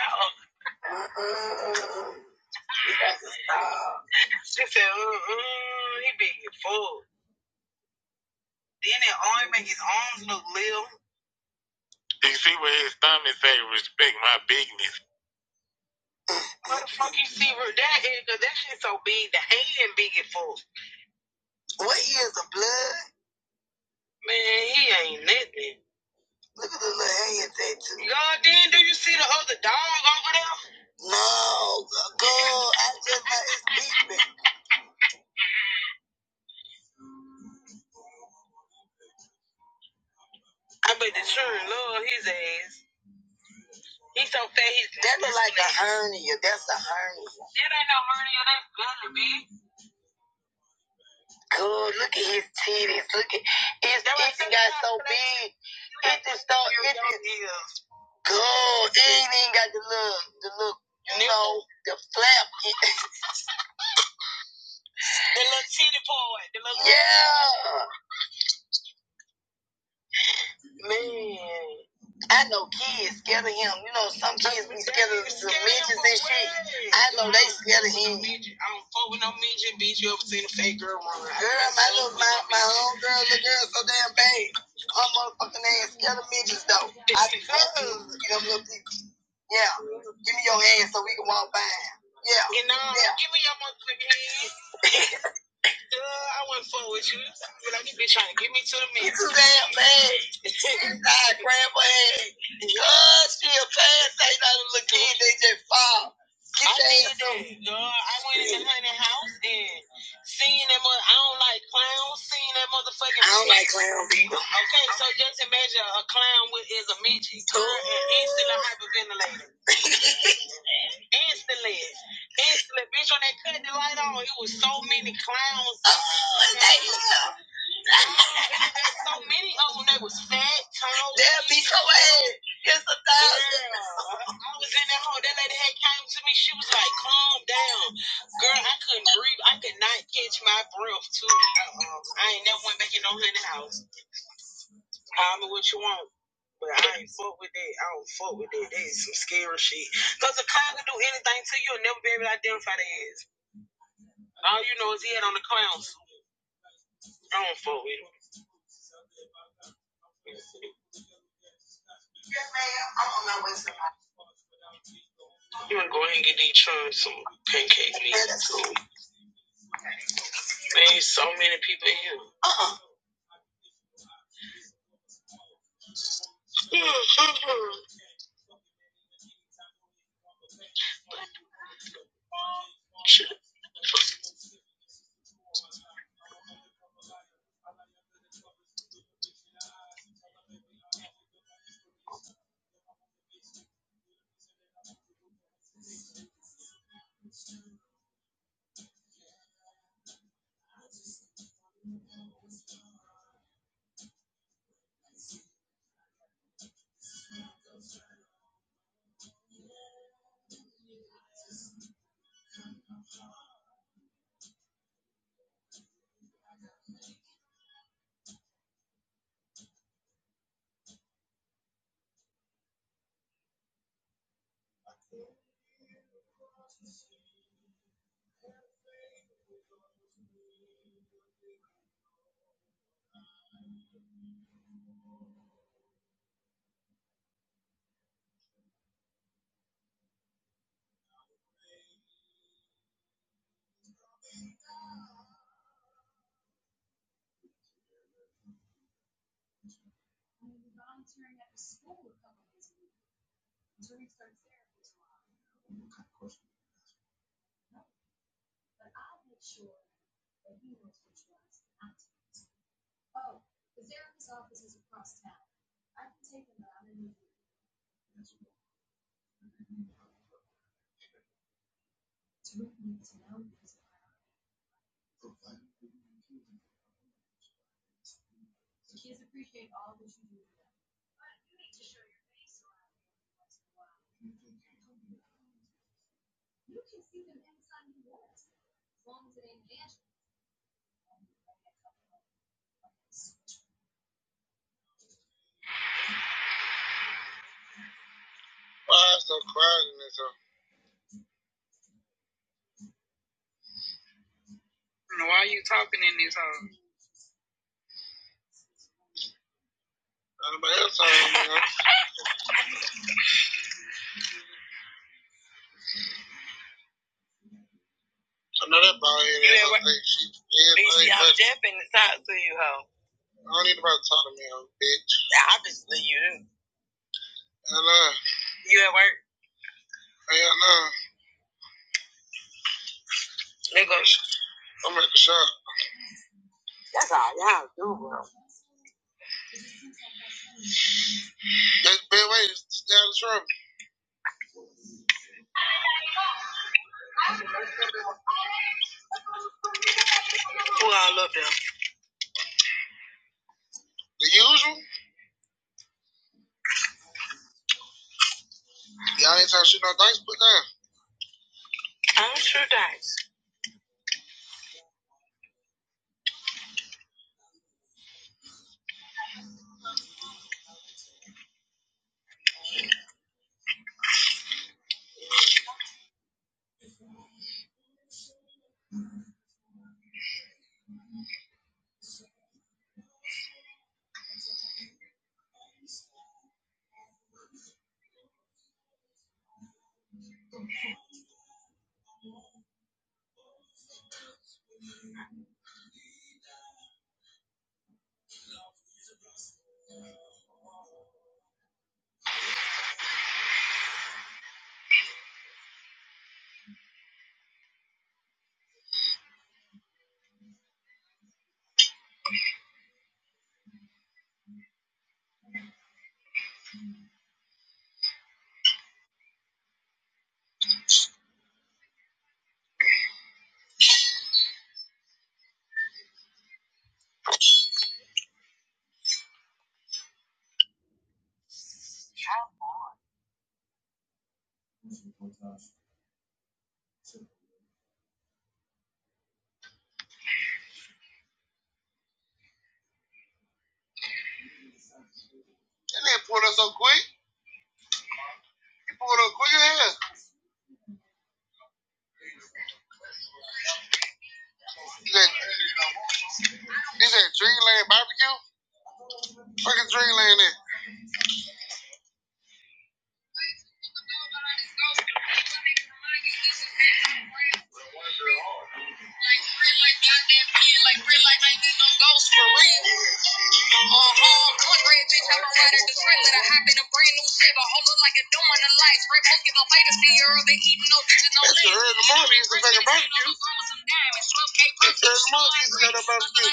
[SPEAKER 4] Oh, she said, mm-mm, he be as fuck. Then it only make his arms look little. What the fuck you see with that is? Cause that shit so big, the hand big as fuck. What is the blood? Man, he ain't nothing. Look at the little hand tattoo. God, then do you see the other dog over there? No, God, I just got his beat me. Sure, look. That look like a hernia. That's a hernia. That ain't no hernia. That's belly, bitch. Good. Look at his titties. Look at his titties got so big. It just don't. It just good. It ain't even got the little, the little, you know, the flap. The little titty part. The little yeah. Man, I know kids scared of him. You know, some kids be scared of some midgets and shit. I know they scared of him. I'm with no midget, bitch. You ever seen a fake girl run? Girl, my little my, my own girl, the girl so damn bad. Her motherfucking ass scared of midgets though. I *laughs* be fucking them little people. Yeah, give me your hand so we can walk by. Yeah. You know, yeah. give me your motherfucking hand. Uh, I wouldn't fuck with you. Niggas be trying to get me to the meat too damn bad. *laughs* nah, grandma had God, she a fan. They not a little kid. They just fall. Get I did that, dog. I went in the honey house and seeing that mother. I don't like clowns. Seeing that motherfucking. I don't like clowns either. Okay, so just imagine a clown with is a midget. Girl, and instantly hyperventilated. *laughs* Instantly, instantly, bitch. When they cut the light on, it was so many clowns. Oh, they, yeah. So many of them, they was fat. They'll be so ass. It's a thousand. Yeah. All you know is he had on the clowns. I don't fuck with him. Yes, ma'am. I don't know what's in my- You wanna go ahead and get these chunks some pancake meat too. Man, there's so many people in here. Uh-uh. *laughs* Why is so quiet in this house? Why are you talking in this house? Anybody else talking in this house? I know that bald head. You ass better- gonna think she- everybody- I'm deaf the talk to you, ho. I don't need nobody talking to me, hoe, bitch. Obviously, you do. Hell nah. You at work. Hell nah. Nigga. I'm at the shop. That's all y'all do, bro. That bad way is down the trunk. The usual? Damn. I'm sure dice. That nigga pulled up so quick. He pulled up quick as hell. That, this that Dreamland barbecue? Fucking Dreamland there. That's the early in a brand new Chevy. Hold up like a door in the lights. Breaking no legs. That's the early morning. It's a fucking barbecue. Look at movies that I'm about to get.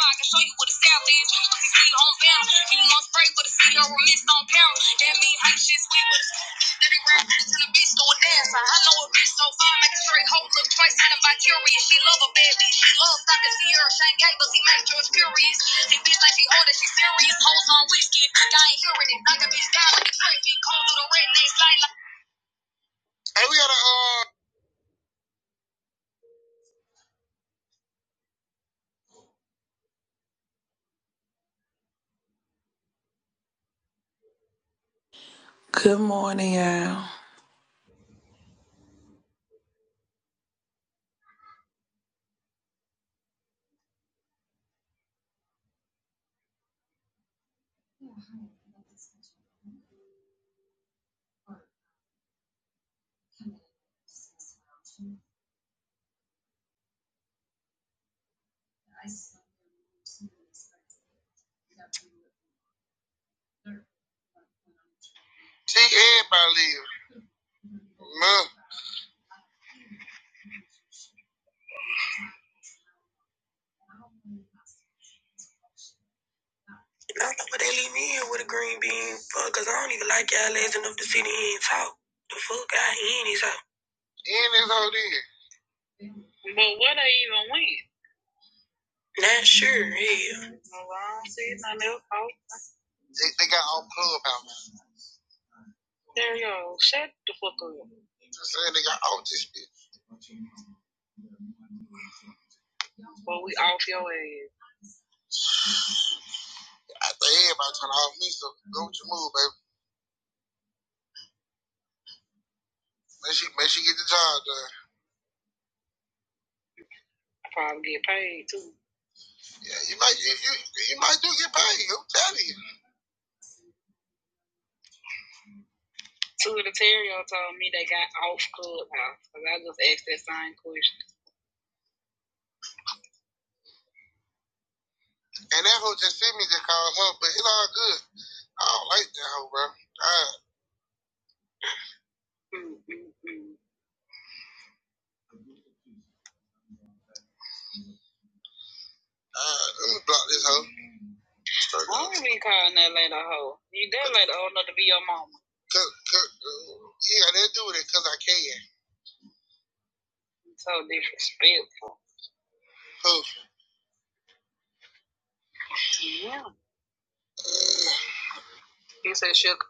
[SPEAKER 4] I can show you what the South is. You see on bound. You want spray with a CO or missed on pound. That mean hate shit sweet with this whole look twice and I'm curious. She love a bad bitch. She loves Dr. Sierra Shane Gables. He made George furious. His bitch like she older. She serious. Hoes on whiskey. I ain't hearing it. Knock bitch down like a crazy. Cold to the redneck slide like. Hey, we got to uh,
[SPEAKER 6] Good morning, y'all.
[SPEAKER 4] see everybody live. Man. do Not know but they leave me here with a green bean. Fuck, cause I don't even like y'all ass enough to sit in here and talk. The fuck, I ain't his out. In this whole deal. But what they even win? Not sure, hell. Well, nope. They, they got all club They're- Just saying they got all this shit. I think everybody trying to off me, so go with your move, baby. Make sure, make sure you get the job done. Probably get paid too. Yeah, you might you, you, you might do get paid. I'm telling you. Two of the Terrio told me they got off club clubhouse because I just asked that same question. And that hoe just sent me to call her, but it's all good. I don't like that hoe, bro. God. Uh, let me block this hoe. Straight I up. don't be calling that lady a hoe. You did let a hoe know to be your mama. Cause, cause, uh, yeah, they do it because I can. It's So disrespectful. Who? Yeah. He said, Sugar.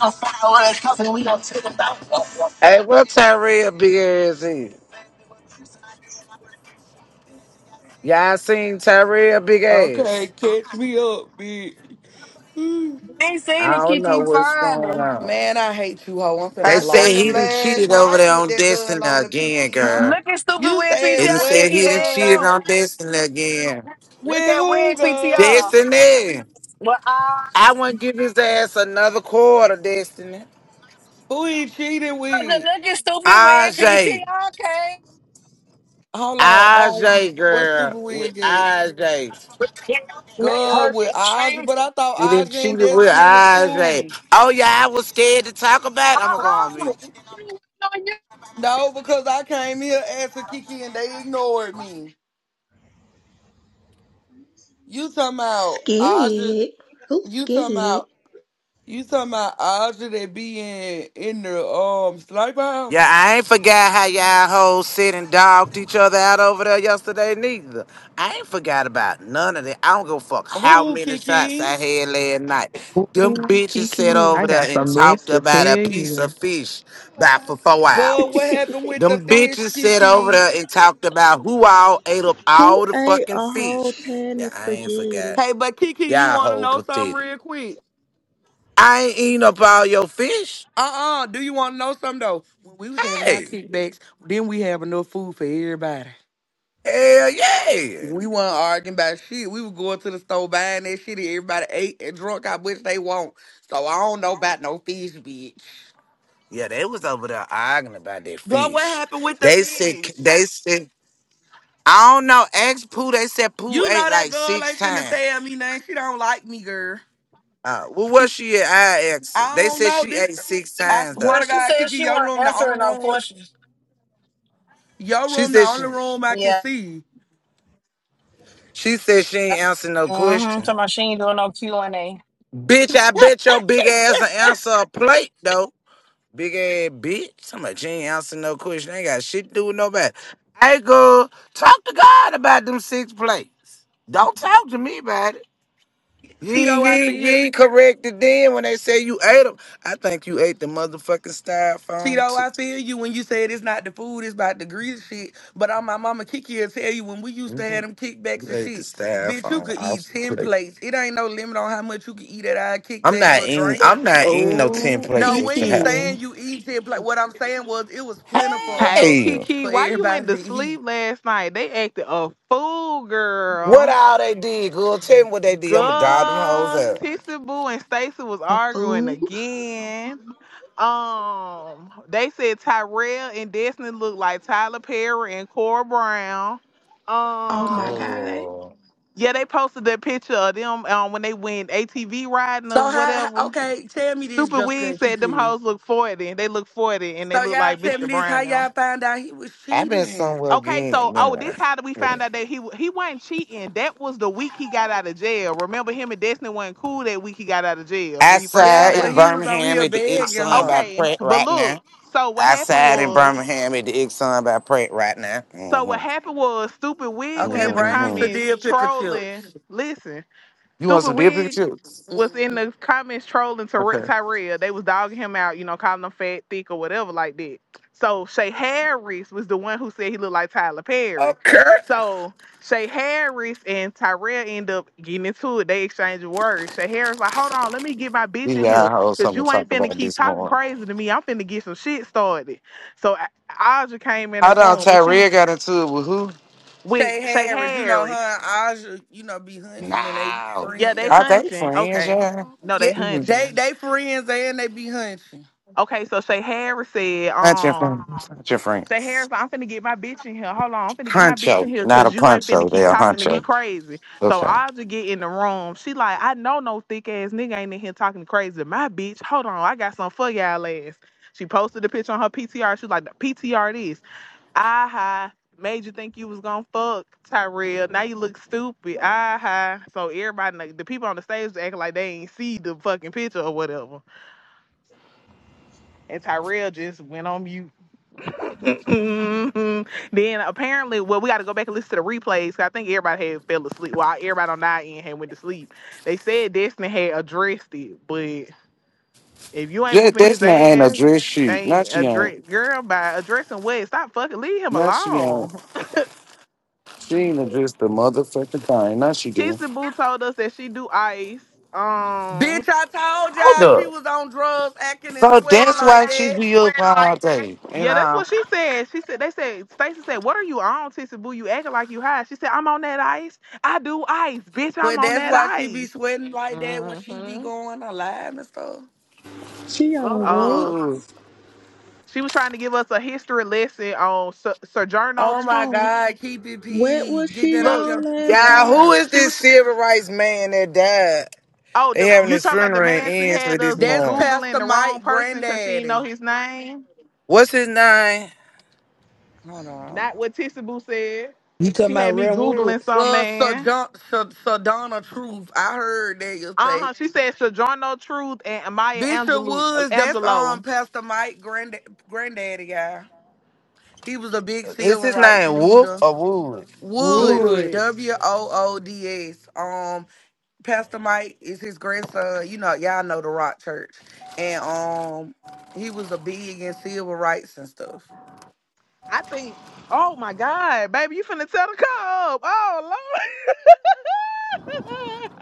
[SPEAKER 7] Hey, what Tyrell big ass is? Y'all seen Tyrell big
[SPEAKER 6] Okay,
[SPEAKER 7] ass?
[SPEAKER 6] catch me up, bitch. Mm.
[SPEAKER 8] ain't seen
[SPEAKER 7] I
[SPEAKER 8] it,
[SPEAKER 7] don't know
[SPEAKER 8] Kiki.
[SPEAKER 7] what's going
[SPEAKER 8] Finally.
[SPEAKER 7] on.
[SPEAKER 6] Man, I hate you, hoe. I'm finna
[SPEAKER 7] They
[SPEAKER 2] I
[SPEAKER 7] said
[SPEAKER 6] block
[SPEAKER 2] seen them
[SPEAKER 7] he done
[SPEAKER 6] you.
[SPEAKER 2] last
[SPEAKER 7] cheated over
[SPEAKER 2] night
[SPEAKER 7] there
[SPEAKER 2] with
[SPEAKER 7] on
[SPEAKER 2] that
[SPEAKER 7] Destiny
[SPEAKER 2] girl on the
[SPEAKER 7] again, girl.
[SPEAKER 2] PTR.
[SPEAKER 8] Look at stupid
[SPEAKER 6] You
[SPEAKER 8] weird
[SPEAKER 6] said
[SPEAKER 7] They done
[SPEAKER 8] PTR,
[SPEAKER 7] said
[SPEAKER 6] what,
[SPEAKER 8] Kiki.
[SPEAKER 7] he done
[SPEAKER 8] There it
[SPEAKER 7] cheated
[SPEAKER 6] girl?
[SPEAKER 8] go.
[SPEAKER 7] on Destiny again.
[SPEAKER 8] Look
[SPEAKER 6] With
[SPEAKER 8] at weird
[SPEAKER 6] who, girl?
[SPEAKER 8] PTR.
[SPEAKER 7] Destiny!
[SPEAKER 8] Well, I
[SPEAKER 7] I wouldn't give his ass another quarter, Destiny.
[SPEAKER 6] Who he cheated
[SPEAKER 8] was like,
[SPEAKER 6] with?
[SPEAKER 8] look at stupid weird PTR,
[SPEAKER 7] Ajay.
[SPEAKER 8] okay?
[SPEAKER 6] Hold on. On
[SPEAKER 7] Ajay,
[SPEAKER 6] what
[SPEAKER 7] girl.
[SPEAKER 6] stupid
[SPEAKER 7] With
[SPEAKER 6] wig is?
[SPEAKER 7] Ajay.
[SPEAKER 8] Yeah, Let
[SPEAKER 6] Girl
[SPEAKER 8] her
[SPEAKER 6] with Audrey,
[SPEAKER 8] change.
[SPEAKER 6] but I
[SPEAKER 7] You
[SPEAKER 6] thought
[SPEAKER 7] didn't
[SPEAKER 6] Audrey
[SPEAKER 7] cheat
[SPEAKER 6] and
[SPEAKER 7] it with
[SPEAKER 6] Destiny was
[SPEAKER 7] eyes, like,
[SPEAKER 6] cool.
[SPEAKER 7] oh yeah, I was scared to talk about. it. I'm gonna go on mute.
[SPEAKER 8] Uh-oh.
[SPEAKER 6] No, because I came here asking Kiki and they ignored me. You talking about Audrey?
[SPEAKER 9] Scared? Who's
[SPEAKER 6] You talking about?
[SPEAKER 9] scared
[SPEAKER 6] You talking about Audrey that be in in the um slide ball?
[SPEAKER 7] Yeah, I ain't forgot how y'all hoes sit and dogged each other out over there yesterday, neither. I ain't forgot about none of that. I don't give a fuck how
[SPEAKER 6] Who
[SPEAKER 7] many shots I
[SPEAKER 6] Kiki?
[SPEAKER 7] had last night. Them
[SPEAKER 3] Ooh,
[SPEAKER 7] bitches sat
[SPEAKER 3] Kiki, I
[SPEAKER 7] over
[SPEAKER 3] got
[SPEAKER 7] there and
[SPEAKER 3] some mess
[SPEAKER 7] talked
[SPEAKER 3] to tell
[SPEAKER 7] about a piece
[SPEAKER 3] you.
[SPEAKER 7] of fish about for four
[SPEAKER 6] God, what
[SPEAKER 7] hours.
[SPEAKER 6] happened with the
[SPEAKER 7] Them
[SPEAKER 6] fish,
[SPEAKER 7] bitches sat over
[SPEAKER 6] Kiki?
[SPEAKER 7] there and talked about who all ate up
[SPEAKER 10] Who
[SPEAKER 7] all the
[SPEAKER 10] ate
[SPEAKER 7] fucking
[SPEAKER 10] a whole
[SPEAKER 7] fish.
[SPEAKER 10] pan
[SPEAKER 7] Yeah,
[SPEAKER 10] of
[SPEAKER 7] I ain't forgot.
[SPEAKER 10] spaghetti?
[SPEAKER 6] Hey, but Kiki, you
[SPEAKER 7] Y'all
[SPEAKER 6] want to
[SPEAKER 7] whole
[SPEAKER 6] know something
[SPEAKER 7] pathetic.
[SPEAKER 6] real quick?
[SPEAKER 7] I ain't eating up all your fish.
[SPEAKER 6] Uh-uh. Do you want to know something though? When we was having our
[SPEAKER 7] Hey,
[SPEAKER 6] kickbacks, then we have enough food for everybody.
[SPEAKER 7] hell yeah.
[SPEAKER 6] We weren't arguing about shit. We were going to the store buying that shit, and everybody ate and drunk how much they want. So I don't know about no fish, bitch.
[SPEAKER 7] Yeah, they was over there arguing about that
[SPEAKER 6] God, what
[SPEAKER 7] fish.
[SPEAKER 6] happened with the
[SPEAKER 7] They said,
[SPEAKER 6] fish?
[SPEAKER 7] they said, I don't know, ask Pooh. They said Pooh
[SPEAKER 6] You
[SPEAKER 7] ate
[SPEAKER 6] know that
[SPEAKER 7] like
[SPEAKER 6] girl
[SPEAKER 7] six
[SPEAKER 6] ain't finna
[SPEAKER 7] times.
[SPEAKER 6] tell me nothing. She don't like me, girl.
[SPEAKER 7] Uh, well, what she at? I asked her.
[SPEAKER 6] I
[SPEAKER 7] They
[SPEAKER 6] don't
[SPEAKER 7] said
[SPEAKER 6] know
[SPEAKER 7] she
[SPEAKER 6] this.
[SPEAKER 7] ate six
[SPEAKER 6] I
[SPEAKER 7] times
[SPEAKER 6] swear
[SPEAKER 8] Yeah,
[SPEAKER 7] though.
[SPEAKER 6] to
[SPEAKER 8] she
[SPEAKER 6] God,
[SPEAKER 8] said
[SPEAKER 6] Kiki,
[SPEAKER 8] she
[SPEAKER 6] your
[SPEAKER 8] wasn't
[SPEAKER 6] room the only
[SPEAKER 8] answering no
[SPEAKER 6] room.
[SPEAKER 8] questions.
[SPEAKER 6] Your
[SPEAKER 7] She
[SPEAKER 6] room the
[SPEAKER 7] said she,
[SPEAKER 6] only room I can
[SPEAKER 8] Yeah.
[SPEAKER 6] see.
[SPEAKER 7] she said she ain't answer no
[SPEAKER 8] Mm-hmm. Talking
[SPEAKER 7] question.
[SPEAKER 8] about she ain't doing no Q&A.
[SPEAKER 7] Bitch, I bet your big ass will answer a plate though. Big ass bitch. I'm like, she ain't answering no question. I Ain't got shit to do with nobody. Hey, girl, talk to God about them six plates. Don't talk to me about it. You
[SPEAKER 6] Tito,
[SPEAKER 7] ain't, you
[SPEAKER 6] I
[SPEAKER 7] ain't, you
[SPEAKER 6] feel.
[SPEAKER 7] ain't corrected then when they say you ate them. I think you ate the motherfucking styrofoam
[SPEAKER 6] Tito,
[SPEAKER 7] too.
[SPEAKER 6] I feel you when you said it's not the food, it's about the grease shit. But on my mama Kiki will tell you when we used to have
[SPEAKER 7] Mhm.
[SPEAKER 6] them
[SPEAKER 7] You
[SPEAKER 6] kickbacks and
[SPEAKER 7] ate the
[SPEAKER 6] shit. Bitch, you
[SPEAKER 7] styrofoam
[SPEAKER 6] could
[SPEAKER 7] off
[SPEAKER 6] eat
[SPEAKER 7] the
[SPEAKER 6] ten
[SPEAKER 7] plate.
[SPEAKER 6] plates. It ain't no limit on how much you can eat at our
[SPEAKER 7] I'm
[SPEAKER 6] kickbacks
[SPEAKER 7] not
[SPEAKER 6] or
[SPEAKER 7] eating.
[SPEAKER 6] drink.
[SPEAKER 7] I'm not eating no ten
[SPEAKER 3] Oh,
[SPEAKER 6] No,
[SPEAKER 7] plates
[SPEAKER 6] we
[SPEAKER 7] at your
[SPEAKER 6] ain't
[SPEAKER 7] house.
[SPEAKER 3] Kiki.
[SPEAKER 6] saying you eat ten plates. What I'm saying was it was plentiful
[SPEAKER 3] Hey,
[SPEAKER 6] enough
[SPEAKER 7] Hey,
[SPEAKER 3] Kiki,
[SPEAKER 6] for
[SPEAKER 3] why you went
[SPEAKER 6] everybody
[SPEAKER 3] to
[SPEAKER 6] to
[SPEAKER 3] sleep
[SPEAKER 6] eat.
[SPEAKER 3] last night? They acted a fool,
[SPEAKER 7] what
[SPEAKER 3] girl.
[SPEAKER 7] all they did, girl? Tell me what they did. I'ma dive them hoes
[SPEAKER 3] God,
[SPEAKER 7] up,
[SPEAKER 3] Tissy Boo and Stacey was
[SPEAKER 9] of
[SPEAKER 3] arguing
[SPEAKER 9] food?
[SPEAKER 3] again. Um, they said Tyrell and Destiny looked like Tyler Perry and Cora Brown.
[SPEAKER 9] Oh my
[SPEAKER 3] Um,
[SPEAKER 9] god.
[SPEAKER 7] girl.
[SPEAKER 3] yeah, they posted that picture of them um, when they went ATV riding
[SPEAKER 6] So
[SPEAKER 3] or
[SPEAKER 6] how? how-
[SPEAKER 3] whatever.
[SPEAKER 6] Okay, tell me this,
[SPEAKER 3] Stupid
[SPEAKER 6] Jessica
[SPEAKER 3] Wig
[SPEAKER 6] and
[SPEAKER 3] said them
[SPEAKER 6] Kiki.
[SPEAKER 3] hoes look 40. They look 40 and they
[SPEAKER 6] So
[SPEAKER 3] look
[SPEAKER 6] y'all
[SPEAKER 3] like
[SPEAKER 6] tell me
[SPEAKER 3] Mr.
[SPEAKER 6] this: how
[SPEAKER 3] Brown now.
[SPEAKER 6] y'all found out he was
[SPEAKER 7] i been
[SPEAKER 6] cheating?
[SPEAKER 7] somewhere
[SPEAKER 3] Okay, so
[SPEAKER 7] again.
[SPEAKER 3] oh, this
[SPEAKER 7] Never
[SPEAKER 3] how did we find
[SPEAKER 7] mind.
[SPEAKER 3] out that he he wasn't cheating? That was the week he got out of jail. Remember, him and Destiny wasn't cool that week he got out of jail when he first
[SPEAKER 6] Yeah,
[SPEAKER 3] got
[SPEAKER 7] Outside in
[SPEAKER 6] but
[SPEAKER 3] out.
[SPEAKER 6] he was on
[SPEAKER 7] Birmingham
[SPEAKER 6] here
[SPEAKER 7] at the
[SPEAKER 3] Uh,
[SPEAKER 6] begging
[SPEAKER 7] Exxon by
[SPEAKER 6] her.
[SPEAKER 3] Okay,
[SPEAKER 7] Pratt
[SPEAKER 3] but
[SPEAKER 7] right
[SPEAKER 3] look,
[SPEAKER 7] now.
[SPEAKER 3] so what happened
[SPEAKER 7] Outside in
[SPEAKER 3] was,
[SPEAKER 7] Birmingham at the Exxon by Pratt right now.
[SPEAKER 3] so what
[SPEAKER 7] Mm-hmm.
[SPEAKER 3] happened was, stupid wig was
[SPEAKER 6] Okay,
[SPEAKER 3] in the
[SPEAKER 6] bring me
[SPEAKER 7] Mm-hmm.
[SPEAKER 6] Sadia
[SPEAKER 3] comments
[SPEAKER 6] deal pickle chips.
[SPEAKER 3] trolling. Listen,
[SPEAKER 7] You want
[SPEAKER 3] Stupid
[SPEAKER 7] some deer
[SPEAKER 3] Wig
[SPEAKER 7] pictures?
[SPEAKER 3] was in
[SPEAKER 6] hmm
[SPEAKER 3] the comments trolling Tyre-
[SPEAKER 7] Okay.
[SPEAKER 3] Tyrell. They was dogging him out, you know, calling him fat, thick, or whatever like that. So Shay Harris was the one who said he looked like Tyler Perry.
[SPEAKER 7] Okay.
[SPEAKER 3] So Shay Harris and Tyrell end up getting into it. They exchange words. Shay Harris like, hold on, let me get my bitch
[SPEAKER 7] We
[SPEAKER 3] in here.
[SPEAKER 7] got a whole
[SPEAKER 3] Cause
[SPEAKER 7] something to
[SPEAKER 3] you
[SPEAKER 7] talk
[SPEAKER 3] ain't finna
[SPEAKER 7] about
[SPEAKER 3] keep
[SPEAKER 7] this
[SPEAKER 3] talking
[SPEAKER 7] morning.
[SPEAKER 3] crazy to me. I'm finna get some shit started. So I- Audra came in the
[SPEAKER 7] Hold on,
[SPEAKER 3] room and she was
[SPEAKER 7] Tyrell got into it with who?
[SPEAKER 3] with
[SPEAKER 6] Shay
[SPEAKER 3] Shay
[SPEAKER 6] Harris, you know her
[SPEAKER 3] Harris.
[SPEAKER 6] and Aja, you know be hunching and they
[SPEAKER 7] No.
[SPEAKER 3] Yeah,
[SPEAKER 6] friend
[SPEAKER 3] they
[SPEAKER 7] Are
[SPEAKER 6] y'all.
[SPEAKER 7] they
[SPEAKER 3] hunching.
[SPEAKER 7] friends,
[SPEAKER 3] Okay.
[SPEAKER 7] yeah?
[SPEAKER 3] No,
[SPEAKER 6] Yeah,
[SPEAKER 3] they
[SPEAKER 7] Mhm.
[SPEAKER 3] hunching.
[SPEAKER 6] they they friends and they be hunching.
[SPEAKER 3] Okay, so Shay Harris said,
[SPEAKER 7] Hunt your
[SPEAKER 3] um,
[SPEAKER 7] friends. Hunt your
[SPEAKER 3] Shay Harris,
[SPEAKER 7] friends.
[SPEAKER 3] I'm finna get my bitch in here. Hold on, I'm finna get my bitch in
[SPEAKER 7] Huncho,
[SPEAKER 3] here
[SPEAKER 7] not a
[SPEAKER 3] because you ain't finna
[SPEAKER 7] puncho. they
[SPEAKER 3] keep
[SPEAKER 7] a
[SPEAKER 3] talking to me
[SPEAKER 7] huncho.
[SPEAKER 3] crazy. So
[SPEAKER 7] Okay.
[SPEAKER 3] I'll just get in the room. She like, I know no thick ass nigga ain't in here talking crazy to my bitch. Hold on, I got some for y'all ass. She posted the picture on her PTR. She was like, the PTR this. Ah ha. Made you think you was gonna fuck Tyrell. Now you look stupid. Ah ha. So everybody, like, the people on the stage acting like they ain't see the fucking picture or whatever. And Tyrell just went on mute. Mhm. Then apparently, well, we got to go back and listen to the replays. 'cause I think everybody had fell asleep. Well, everybody on our end had went to sleep. They said Destiny had addressed it, but if you ain't
[SPEAKER 7] Yeah,
[SPEAKER 3] whooping
[SPEAKER 7] that's
[SPEAKER 3] his
[SPEAKER 7] not ain't a dress
[SPEAKER 3] ass,
[SPEAKER 7] sheet. Not
[SPEAKER 3] ain't
[SPEAKER 7] she ain't.
[SPEAKER 3] address girl by addressing what? Stop fucking leave him
[SPEAKER 7] Not she ain't.
[SPEAKER 3] alone.
[SPEAKER 7] She ain't addressed the motherfucking thing. Not she did.
[SPEAKER 3] Tissy Boo told us that she do ice.
[SPEAKER 6] Bitch,
[SPEAKER 3] Um,
[SPEAKER 6] I told
[SPEAKER 7] Hold
[SPEAKER 6] y'all she
[SPEAKER 7] up.
[SPEAKER 6] was on drugs, acting and
[SPEAKER 7] So
[SPEAKER 6] sweating
[SPEAKER 7] that's
[SPEAKER 6] like
[SPEAKER 7] why she
[SPEAKER 6] that.
[SPEAKER 7] be up all day. And
[SPEAKER 3] yeah, that's
[SPEAKER 7] I'm
[SPEAKER 3] what she said. She said they said Stacey said, "What are you on, Tissy Boo? You acting like you high." She said, "I'm on that ice. I do ice, bitch. I'm
[SPEAKER 6] But
[SPEAKER 3] on
[SPEAKER 6] that's
[SPEAKER 3] that
[SPEAKER 6] why she be
[SPEAKER 3] ice."
[SPEAKER 6] sweating like that when she
[SPEAKER 3] hmm
[SPEAKER 6] be going alive and stuff.
[SPEAKER 10] She on wet.
[SPEAKER 3] Uh,
[SPEAKER 7] good.
[SPEAKER 3] she was trying to give us a history lesson on Sir- Sojourner
[SPEAKER 6] Oh my
[SPEAKER 3] Truth.
[SPEAKER 6] God, keep it
[SPEAKER 10] What
[SPEAKER 6] P.
[SPEAKER 10] was
[SPEAKER 6] Get
[SPEAKER 10] she
[SPEAKER 6] that off
[SPEAKER 3] Look,
[SPEAKER 6] your
[SPEAKER 10] on last
[SPEAKER 7] Yeah,
[SPEAKER 10] night?
[SPEAKER 7] who
[SPEAKER 6] PTR.
[SPEAKER 7] is
[SPEAKER 3] she
[SPEAKER 7] this
[SPEAKER 3] was.
[SPEAKER 7] civil rights man that died?
[SPEAKER 3] Oh,
[SPEAKER 7] They
[SPEAKER 3] the
[SPEAKER 7] having
[SPEAKER 3] you
[SPEAKER 7] his
[SPEAKER 3] talking about the
[SPEAKER 7] funeral in
[SPEAKER 3] man? She
[SPEAKER 7] Ensley
[SPEAKER 3] had
[SPEAKER 7] this
[SPEAKER 3] us
[SPEAKER 6] That's
[SPEAKER 7] morning.
[SPEAKER 3] googling
[SPEAKER 6] Pastor
[SPEAKER 3] the wrong
[SPEAKER 6] Mike
[SPEAKER 3] person because she didn't know
[SPEAKER 6] Granddaddy.
[SPEAKER 3] his name.
[SPEAKER 7] What's his name?
[SPEAKER 6] Hold on.
[SPEAKER 3] Not what Tissy Boo said.
[SPEAKER 11] You talking
[SPEAKER 3] She
[SPEAKER 11] about
[SPEAKER 3] had me
[SPEAKER 11] Rare
[SPEAKER 3] googling
[SPEAKER 11] Woods.
[SPEAKER 3] some
[SPEAKER 6] Uh, Sir
[SPEAKER 3] man.
[SPEAKER 6] John, Sir, Sir Donna Truth. I heard that you
[SPEAKER 3] Uh
[SPEAKER 6] say
[SPEAKER 3] huh. She said Sojourner Truth and Amaya
[SPEAKER 6] Bishop
[SPEAKER 3] Angelou,
[SPEAKER 6] Woods. That's
[SPEAKER 3] Angelo
[SPEAKER 6] um Pastor Mike Grand Granddaddy guy. He was a big
[SPEAKER 7] Is
[SPEAKER 6] civil
[SPEAKER 7] his
[SPEAKER 6] rights
[SPEAKER 7] name Wolf
[SPEAKER 6] leader.
[SPEAKER 7] or Wood?
[SPEAKER 6] Woods,
[SPEAKER 11] Wood.
[SPEAKER 3] Woods.
[SPEAKER 6] W O O D S. Um, Pastor Mike is his grandson. You know, y'all know the Rock Church, and um, he was a big in civil rights and stuff.
[SPEAKER 3] I think. Oh my God, baby, you finna tell the cop. Oh